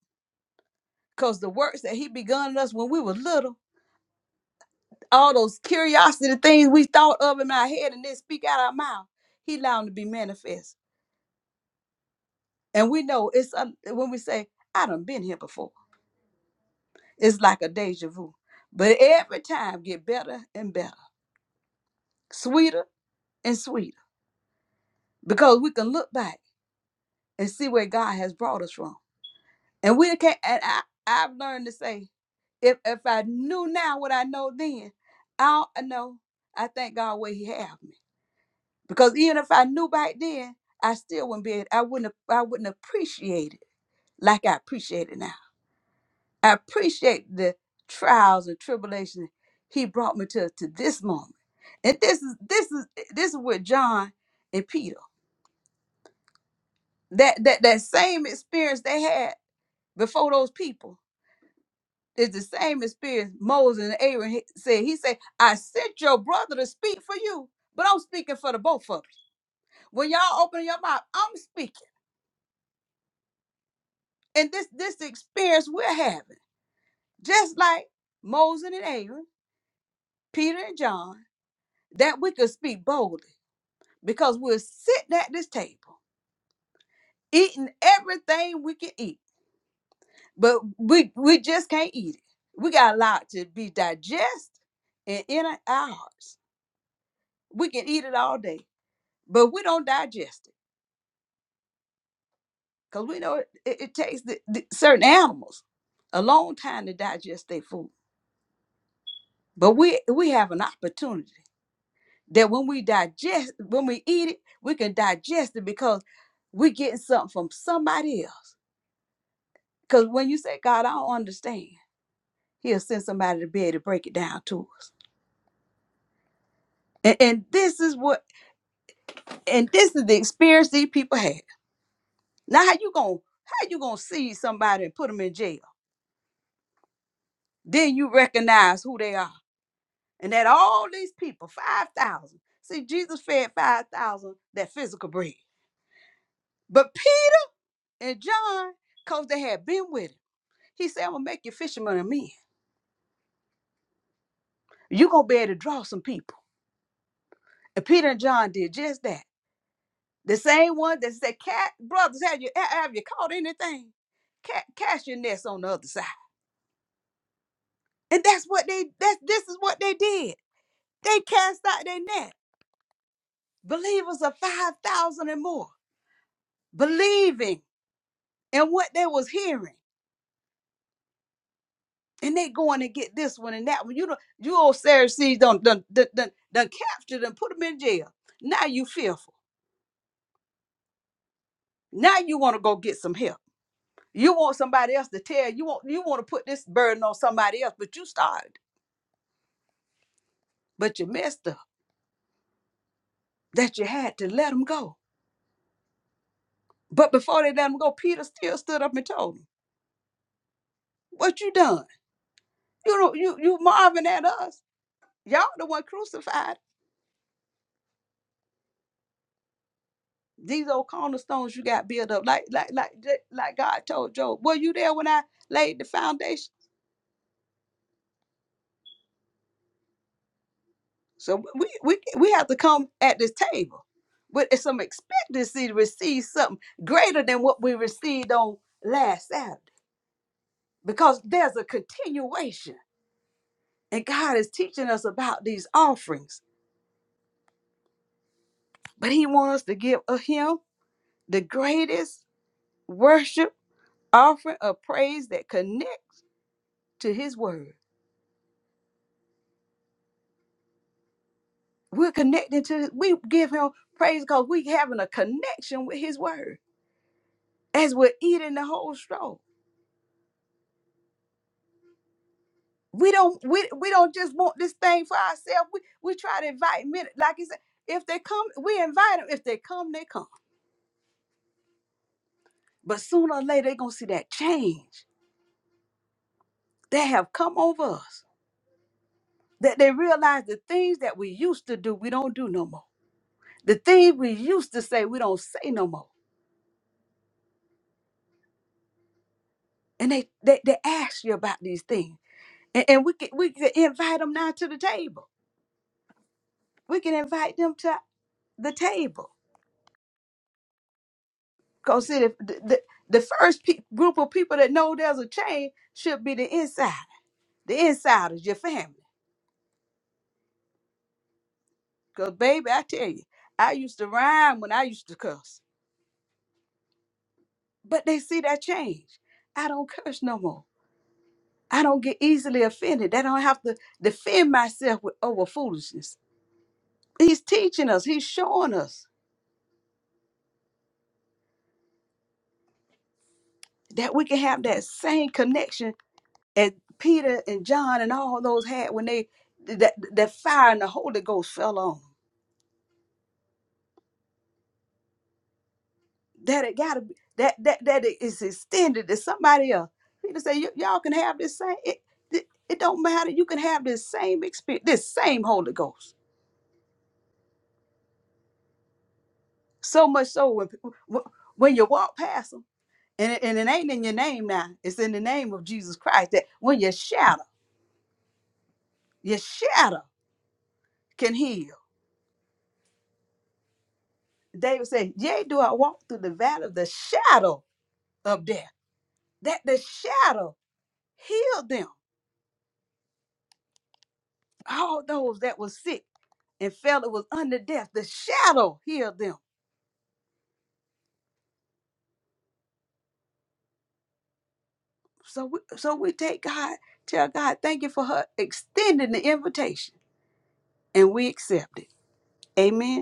Cause the works that he begun in us when we were little, all those curiosity things we thought of in our head and then speak out our mouth, he allowed them to be manifest. And we know it's uh, when we say, I done been here before. It's like a deja vu. But every time get better and better, sweeter and sweeter. Because we can look back and see where God has brought us from. And we can't and I, I've learned to say, if if I knew now what I know then, I'll I know I thank God where He have me. Because even if I knew back then, I still wouldn't be I wouldn't I wouldn't appreciate it like I appreciate it now. I appreciate the trials and tribulations he brought me to to this moment. And this is this is this is with John and Peter. That that that same experience they had before those people is the same experience Moses and Aaron he- said. He said, "I sent your brother to speak for you, but I'm speaking for the both of you. When y'all open your mouth, I'm speaking." And this this experience we're having, just like Moses and Aaron, Peter and John, that we could speak boldly because we're sitting at this table eating everything we can eat, but we we just can't eat it. We got a lot to be digested and in our hearts. We can eat it all day, but we don't digest it because we know it, it, it takes the, the certain animals a long time to digest their food. But we we have an opportunity that when we digest, when we eat it, we can digest it because we're getting something from somebody else. Because when you say, God, I don't understand. He'll send somebody to be able to break it down to us. And, and this is what and this is the experience these people had. Now how you gonna how you gonna see somebody and put them in jail? Then you recognize who they are. And that all these people, five thousand. See, Jesus fed five thousand that physical bread. But Peter and John, because they had been with him, he said, I'm gonna make you fishermen of men. you gonna be able to draw some people. And Peter and John did just that. The same one that said, "Cat brothers, have you have you caught anything? Cat, cast your nets on the other side." And that's what they that's this is what they did. They cast out their net. Believers of five thousand and more believing in what they was hearing, and they going to get this one and that one. You know, you old Pharisees done done done done, done captured and put them in jail. Now you fearful. Now you want to go get some help. You want somebody else to tell you want you want to put this burden on somebody else, but you start. but you messed up that you had to let them go. But before they let him go, Peter still stood up and told him, "What you done? You know, you you marvin at us. Y'all the one crucified. These old cornerstones you got built up, like like like like like God told Job. Were you there when I laid the foundation? So we we we have to come at this table with some expectancy to receive something greater than what we received on last Saturday, because there's a continuation." And God is teaching us about these offerings, but He wants us to give of Him the greatest worship offering of praise that connects to His Word. We're connected to, we give Him praise because we having a connection with His Word as we're eating the whole straw. We don't we, we don't just want this thing for ourselves. We we try to invite men, like He said, if they come, we invite them. If they come, they come. But sooner or later, they're gonna see that change that have come over us that they realize the things that we used to do, we don't do no more. The things we used to say, we don't say no more. And they they, they ask you about these things. And, and we can we can invite them now to the table. We can invite them to the table. Because see, the, the, the first pe- group of people that know there's a change should be the inside. The inside is your family. Because, baby, I tell you, I used to rhyme when I used to cuss. But they see that change. I don't curse no more. I don't get easily offended. I don't have to defend myself with over foolishness. He's teaching us, he's showing us that we can have that same connection as Peter and John and all those had when they that that fire and the Holy Ghost fell on. 'em. That it gotta be that that that it is extended to somebody else. Peter said, "Y- y'all can have this same it, it it don't matter. You can have this same experience, this same Holy Ghost. So much so when when you walk past them. And it, and it ain't in your name now. It's in the name of Jesus Christ that when your shadow, your shadow can heal. David said, Yea, do I walk through the valley of the shadow of death. That the shadow healed them. All those that were sick and felt it was under death, the shadow healed them. So we, so we take God, tell God, thank you for her extending the invitation. And we accept it. Amen.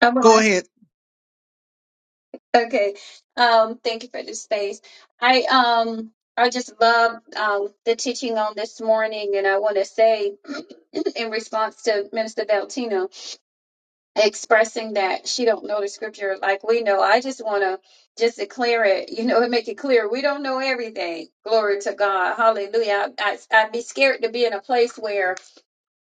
I want Okay. Um, thank you for this space. I um I just love um the teaching on this morning and I wanna say in response to Minister Valtino, expressing that she don't know the scripture like we know. I just want to just declare it, you know, and make it clear we don't know everything. Glory to God, Hallelujah. I, I I'd be scared to be in a place where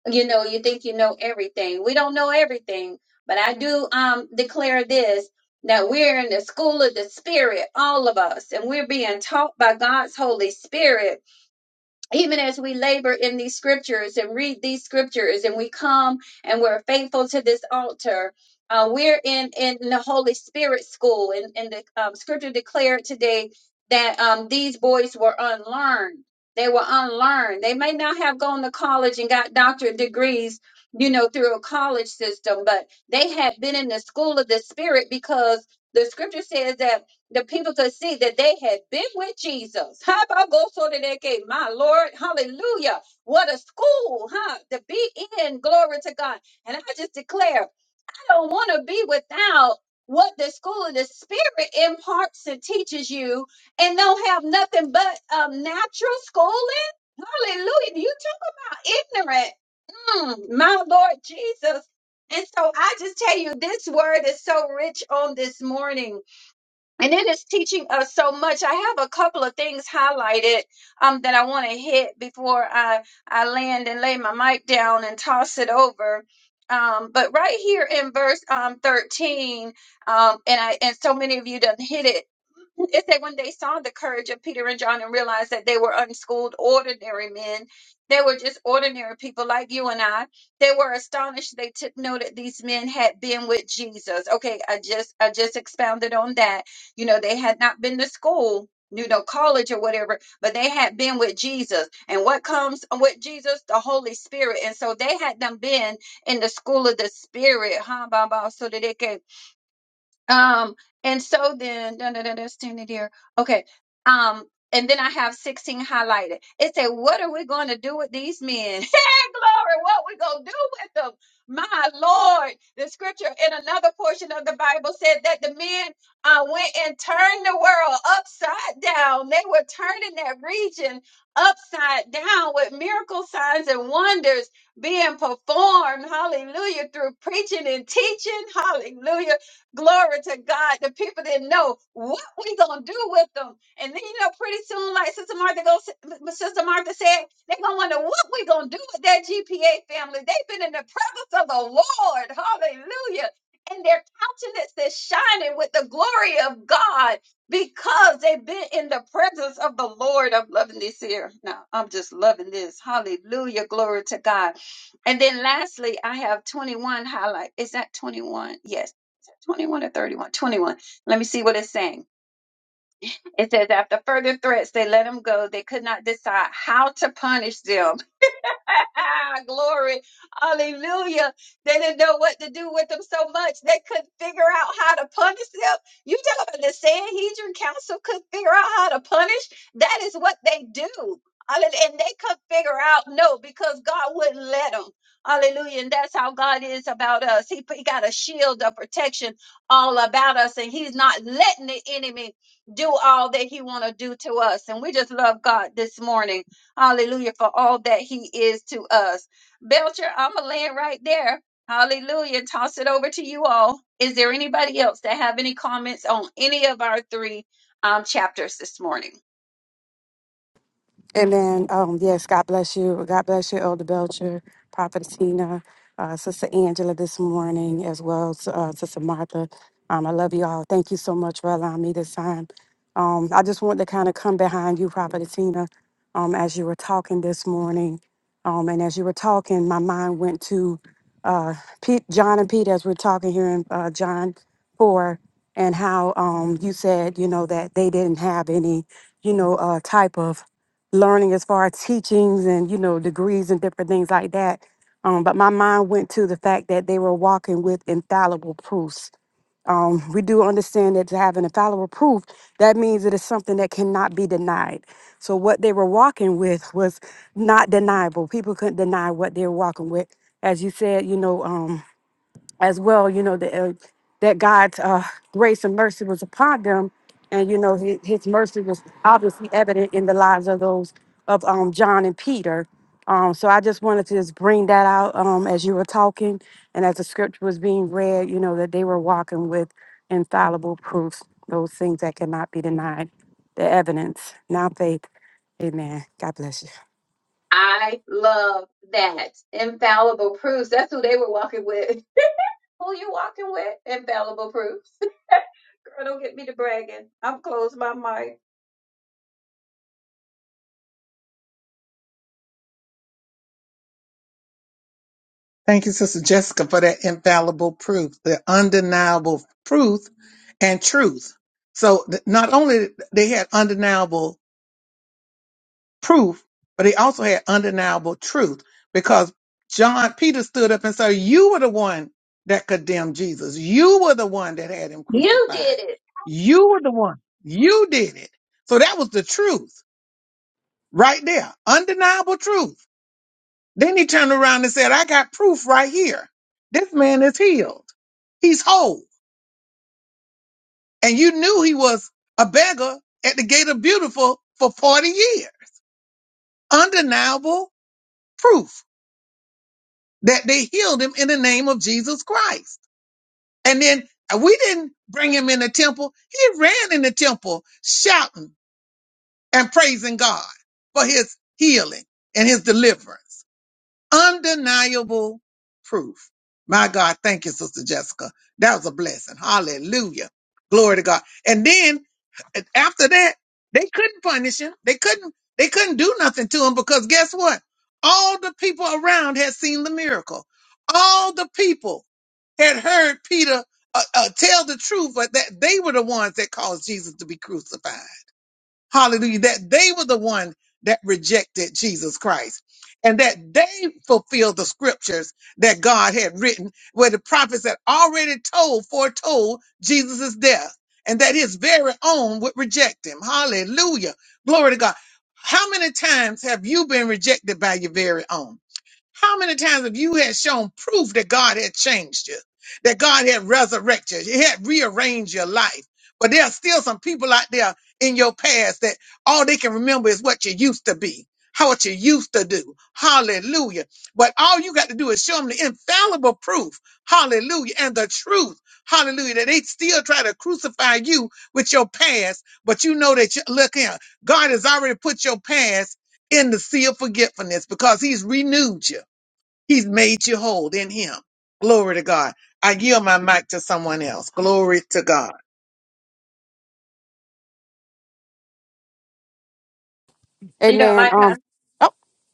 you know you think you know everything. We don't know everything, but I do um declare this. That we're in the school of the Spirit, all of us, and we're being taught by God's Holy Spirit even as we labor in these scriptures and read these scriptures and we come and we're faithful to this altar uh, we're in in the holy spirit school and, and the um, scripture declared today that um, these boys were unlearned they were unlearned they may not have gone to college and got doctorate degrees you know through a college system but they had been in the school of the spirit because the scripture says that the people could see that they had been with Jesus. How about go so that they gave my Lord? Hallelujah. What a school, huh? To be in, glory to God. And I just declare, I don't want to be without what the school of the spirit imparts and teaches you and don't have nothing but um, natural schooling. Hallelujah. You talk about ignorant. Mm, my Lord Jesus. And so I just tell you, this word is so rich on this morning and it is teaching us so much. I have a couple of things highlighted um, that I want to hit before I, I land and lay my mic down and toss it over. Um, but right here in verse um, 13, um, and I and so many of you done hit it it said when they saw the courage of Peter and John and realized that they were unschooled, ordinary men, they were just ordinary people like you and I. They were astonished. They took note that these men had been with Jesus. Okay, I just I just expounded on that. You know, they had not been to school, you know, college or whatever, but they had been with Jesus. And what comes with Jesus? The Holy Spirit. And so they had them been in the school of the Spirit, huh, Baba? Um, and so then, dun, dun, dun, dun, standing here. Okay. Um, and then I have 16 highlighted. It said, What are we going to do with these men? Glory, what we going to do with them? My Lord. The scripture in another portion of the Bible said that the men uh, went and turned the world upside down. They were turning that region upside down with miracle signs and wonders being performed. Hallelujah. Through preaching and teaching. Hallelujah Glory to God. The people didn't know what we gonna do with them. And then you know, pretty soon, like Sister Martha goes, Sister Martha said, they're gonna wonder what we gonna do with that GPA family. They've been in the presence of the Lord. Hallelujah. And their countenance is shining with the glory of God because they've been in the presence of the Lord. I'm loving this here. Now I'm just loving this. Hallelujah. Glory to God. And then lastly, I have 21 highlight. Is that 21? Yes. 21 or 31, 21. Let me see what it's saying. It says, after further threats, they let him go. They could not decide how to punish them Glory. Hallelujah. They didn't know what to do with them so much. They couldn't figure out how to punish them. You talking about the Sanhedrin Council couldn't figure out how to punish? That is what they do. Hallelujah. And they could not figure out no because God wouldn't let them. Hallelujah. And that's how God is about us. He, he got a shield of protection all about us, and He's not letting the enemy do all that He want to do to us. And we just love God this morning. Hallelujah. For all that he is to us. Belcher, I'm going to land right there. Hallelujah. Toss it over to you all. Is there anybody else that have any comments on any of our three um, chapters this morning? Amen. Um, yes, God bless you. God bless you, Elder Belcher, Prophet Tina, uh, Sister Angela this morning, as well as uh, Sister Martha. Um, I love you all. Thank you so much for allowing me this time. Um, I just wanted to kind of come behind you, Prophet Tina, um, as you were talking this morning. Um, and as you were talking, my mind went to uh, Pete, John and Pete as we're talking here in uh, John 4, and how um, you said, you know, that they didn't have any, you know, uh, type of learning as far as teachings and you know degrees and different things like that um, but my mind went to the fact that they were walking with infallible proofs um, we do understand that to have an infallible proof that means it is something that cannot be denied so what they were walking with was not deniable people couldn't deny what they were walking with as you said you know um, as well, you know, that, uh, that God's uh, grace and mercy was upon them. And, you know, his, his mercy was obviously evident in the lives of those of um, John and Peter. Um, so I just wanted to just bring that out um, as you were talking and as the scripture was being read, you know, that they were walking with infallible proofs, those things that cannot be denied, the evidence, now faith. Amen. God bless you. I love that. Infallible proofs. That's who they were walking with. Who you walking with? Infallible proofs. Girl, don't get me to bragging. I'm closed my mic. You did it. You know, Amen. like how, Um, oh,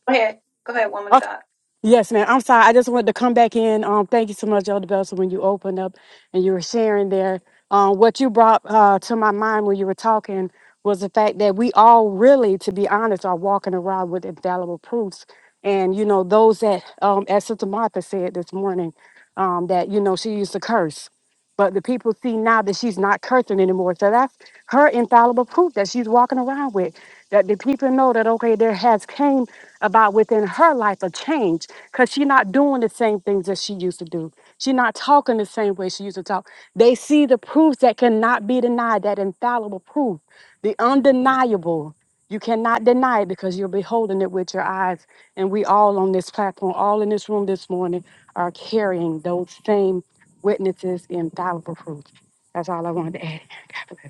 go ahead. Go ahead, woman okay. of God. Yes, ma'am. I'm sorry. I just wanted to come back in. Um, thank you so much, Elder Belson, when you opened up and you were sharing there. Um, what you brought uh, to my mind when you were talking was the fact that we all really, to be honest, are walking around with infallible proofs. And, you know, those that, um, as Sister Martha said this morning, um, that, you know, she used to curse. But the people see now that she's not cursing anymore. So that's her infallible proof that she's walking around with. That the people know that, okay, there has came about within her life a change because she not doing the same things that she used to do. She not talking the same way she used to talk. They see the proofs that cannot be denied, that infallible proof, the undeniable. You cannot deny it because you're beholding it with your eyes. And we all on this platform, all in this room this morning, are carrying those same witnesses, infallible proofs. That's all I wanted to add. God bless.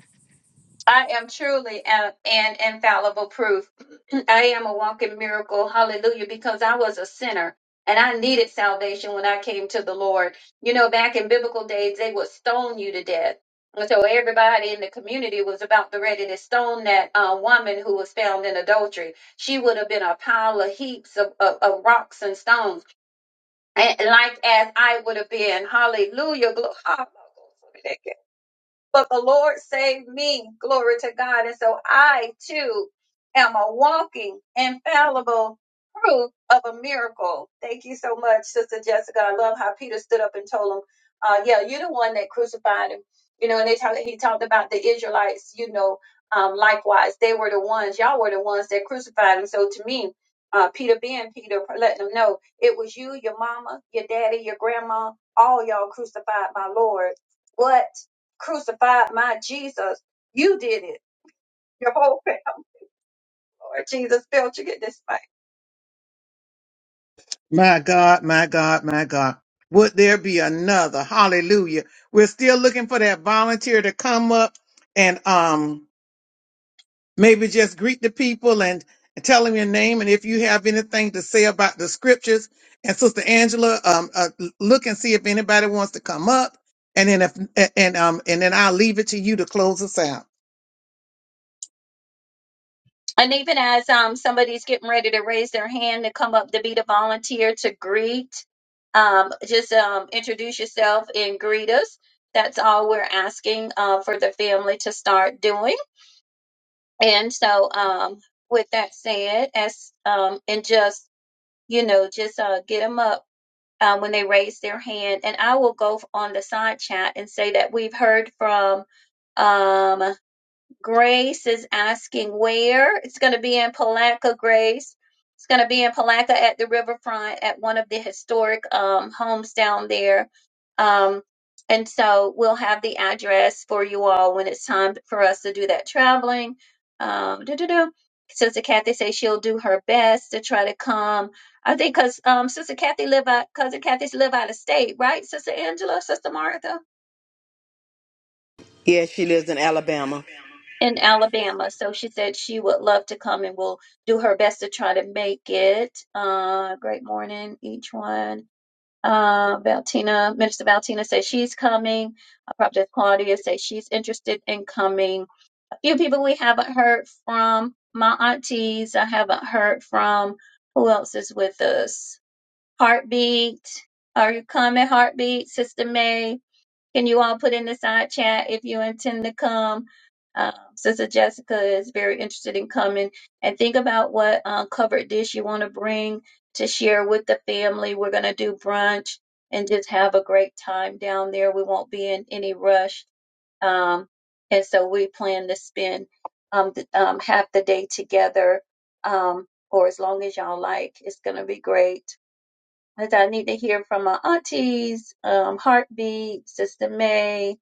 I am truly a- an infallible proof. I am a walking miracle. Hallelujah. Because I was a sinner and I needed salvation when I came to the Lord. You know, back in biblical days, they would stone you to death. And so everybody in the community was about to ready to stone that uh, woman who was found in adultery. She would have been a pile of heaps of, of, of rocks and stones, and, like as I would have been. Hallelujah. Glo- but the Lord saved me. Glory to God. And so I too am a walking, infallible proof of a miracle. Thank you so much, Sister Jessica. I love how Peter stood up and told him, uh, yeah, you're the one that crucified him. You know, and they talk, he talked about the Israelites, you know, um, likewise, they were the ones, y'all were the ones that crucified him. So to me, uh, Peter being Peter, letting them know it was you, your mama, your daddy, your grandma, all y'all crucified my Lord. What? crucified my Jesus. You did it. Your whole family, Lord Jesus, failed to get this fight. And even as um somebody's getting ready to raise their hand to come up to be the volunteer to greet, um, just um introduce yourself and greet us. That's all we're asking uh, for the family to start doing. And so, um, with that said, as um, and just you know, just uh, get them up um, when they raise their hand. And I will go on the side chat and say that we've heard from um, Grace is asking where. It's going to be in Palaca, Grace. It's going to be in Palaca at the riverfront at one of the historic um, homes down there. Um, and so we'll have the address for you all when it's time for us to do that traveling. Um, doo-doo-doo. Sister Kathy says she'll do her best to try to come. I think because um, Sister Kathy live out, cousin Kathy's live out of state, right? Sister Angela, Sister Martha. Yeah, she lives in Alabama. in Alabama. So she said she would love to come and will do her best to try to make it. Uh, great morning, each one. Uh, Valtina, Minister Valtina says she's coming. Uh, Prophet Claudia says she's interested in coming. A few people we haven't heard from. My aunties, I haven't heard from. Who else is with us? Heartbeat. Are you coming, Heartbeat? Sister May. Can you all put in the side chat if you intend to come? Um, Sister Jessica is very interested in coming. And think about what uh, covered dish you want to bring to share with the family. We're going to do brunch and just have a great time down there. We won't be in any rush. Um, and so we plan to spend um, th- um, half the day together um, or as long as y'all like. It's going to be great. As I need to hear from my aunties, um, Heartbeat, Sister May.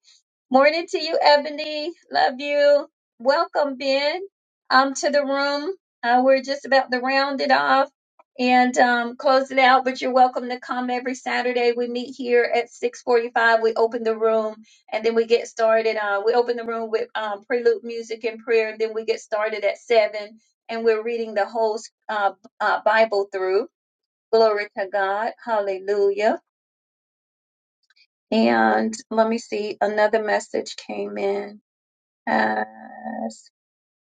Morning to you, Ebony. Love you. Welcome, Ben, um, to the room. Uh, we're just about to round it off and um, close it out, but you're welcome to come every Saturday. We meet here at 645. We open the room and then we get started. Uh, we open the room with um, prelude music and prayer, and then we get started at 7 and we're reading the whole uh, uh, Bible through. Glory to God. Hallelujah. And let me see, another message came in as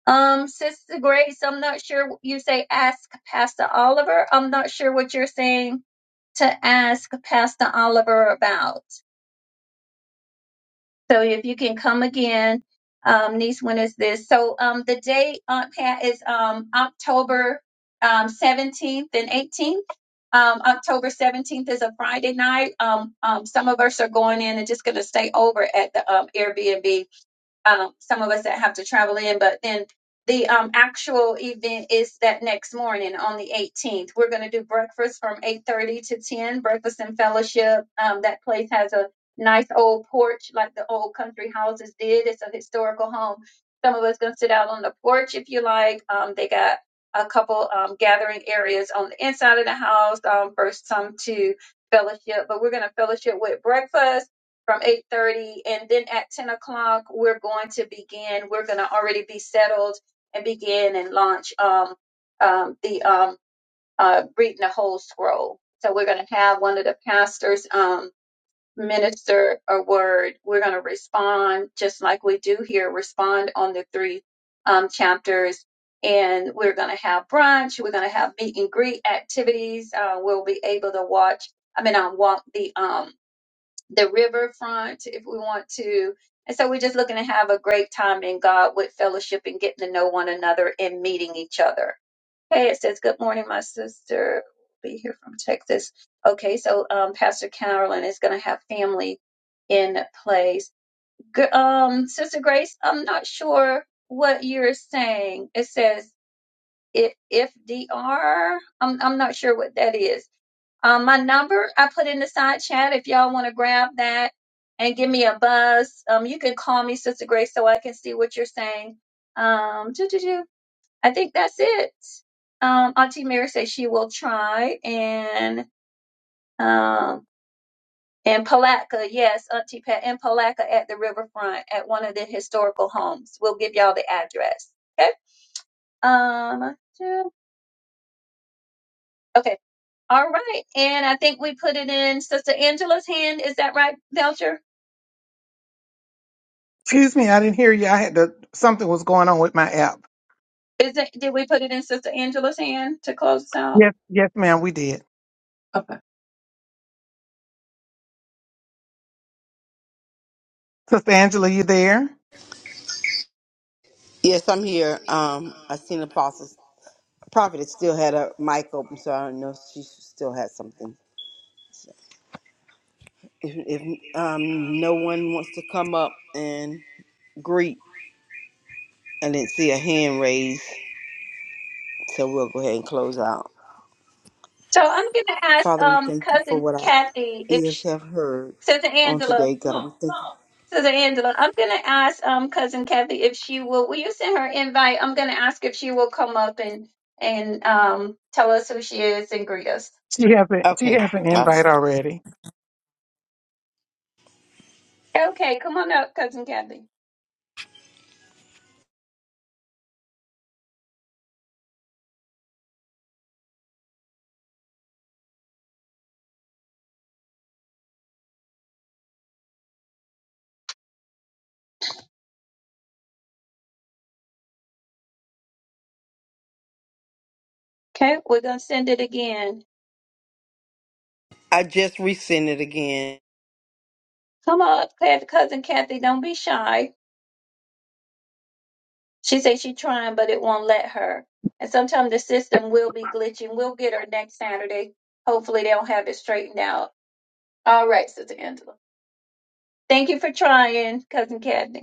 um Sister Grace, I'm not sure you say ask Pastor Oliver. I'm not sure what you're saying to ask Pastor Oliver about. So if you can come again, um, niece, when is this? So um, the date, Aunt Pat, is um, October um, 17th and 18th. Um, October 17th is a Friday night. Um, um, some of us are going in and just going to stay over at the um, Airbnb um, some of us that have to travel in. But then the um, actual event is that next morning on the 18th. We're going to do breakfast from 8:30 to 10. Breakfast and fellowship. Um, that place has a nice old porch like the old country houses did. It's a historical home. Some of us going to sit out on the porch if you like. Um, they got a couple um, gathering areas on the inside of the house um, for some to fellowship, but we're going to fellowship with breakfast from 8.30 and then at 10 o'clock we're going to begin we're going to already be settled and begin and launch um, um, the um, uh, reading the whole scroll so we're going to have one of the pastors um, minister a word we're going to respond just like we do here respond on the three um, chapters and we're going to have brunch we're going to have meet and greet activities uh, we'll be able to watch i mean i um, walk the um, the riverfront if we want to. And so we're just looking to have a great time in God with fellowship and getting to know one another and meeting each other. Hey, it says, Good morning, my sister. Be here from Texas. Okay, so um, Pastor Carolyn is going to have family in place. Gr- Um, Sister Grace, I'm not sure what you're saying. It says, if, if DR, I'm, I'm not sure what that is. Um, my number I put in the side chat if y'all want to grab that and give me a buzz. Um, you can call me Sister Grace so I can see what you're saying. Um, do, do, do. I think that's it. Um, Auntie Mary says she will try and um and Palaka, yes, Auntie Pat and Palaka at the riverfront at one of the historical homes. We'll give y'all the address. Okay. Um. do- Okay. All right. And I think we put it in Sister Angela's hand. Is that right, Belcher? Is it? Did we put it in Sister Angela's hand to close us out? Okay. Yes, I'm here. Um, I seen apostles. It still had a mic open, so I don't know if she still had something. If, if um, no one wants to come up and greet, I didn't see a hand raised, so we'll go ahead and close out. So I'm gonna ask Father, we um thank you for cousin what our Kathy if ears she, have heard Sister on Angela. today, God. We thank you. Sister Angela, I'm gonna ask um cousin Kathy if she will. Will you send her invite? I'm gonna ask if she will come up and and um tell us who she is and greet us. Okay, I, Okay, come on up, cousin Kathy. Okay, we're gonna send it again. I just resent it again. Come up, Kath- cousin Kathy. Don't be shy. She says she's trying, but it won't let her. And sometimes the system will be glitching. We'll get her next Saturday. Hopefully they'll have it straightened out. All right, Sister Angela. Thank you for trying, Cousin Cadney.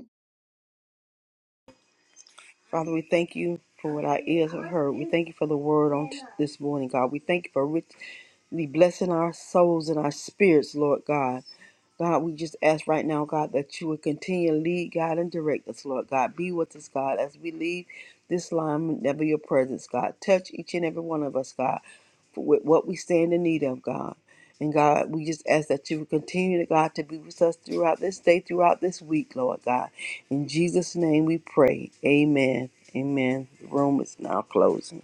Father, we thank you for what our ears have heard. We thank you for the word on t- this morning, God. We thank you for richly blessing our souls and our spirits, Lord God. God, we just ask right now, God, that you would continue to lead, God, and direct us, Lord God. Be with us, God, as we leave this line, never your presence, God. Touch each and every one of us, God, for with what we stand in need of, God. And God, we just ask that you would continue, to God, to be with us throughout this day, throughout this week, Lord God. In Jesus' name we pray. Amen. Amen. The room is now closing.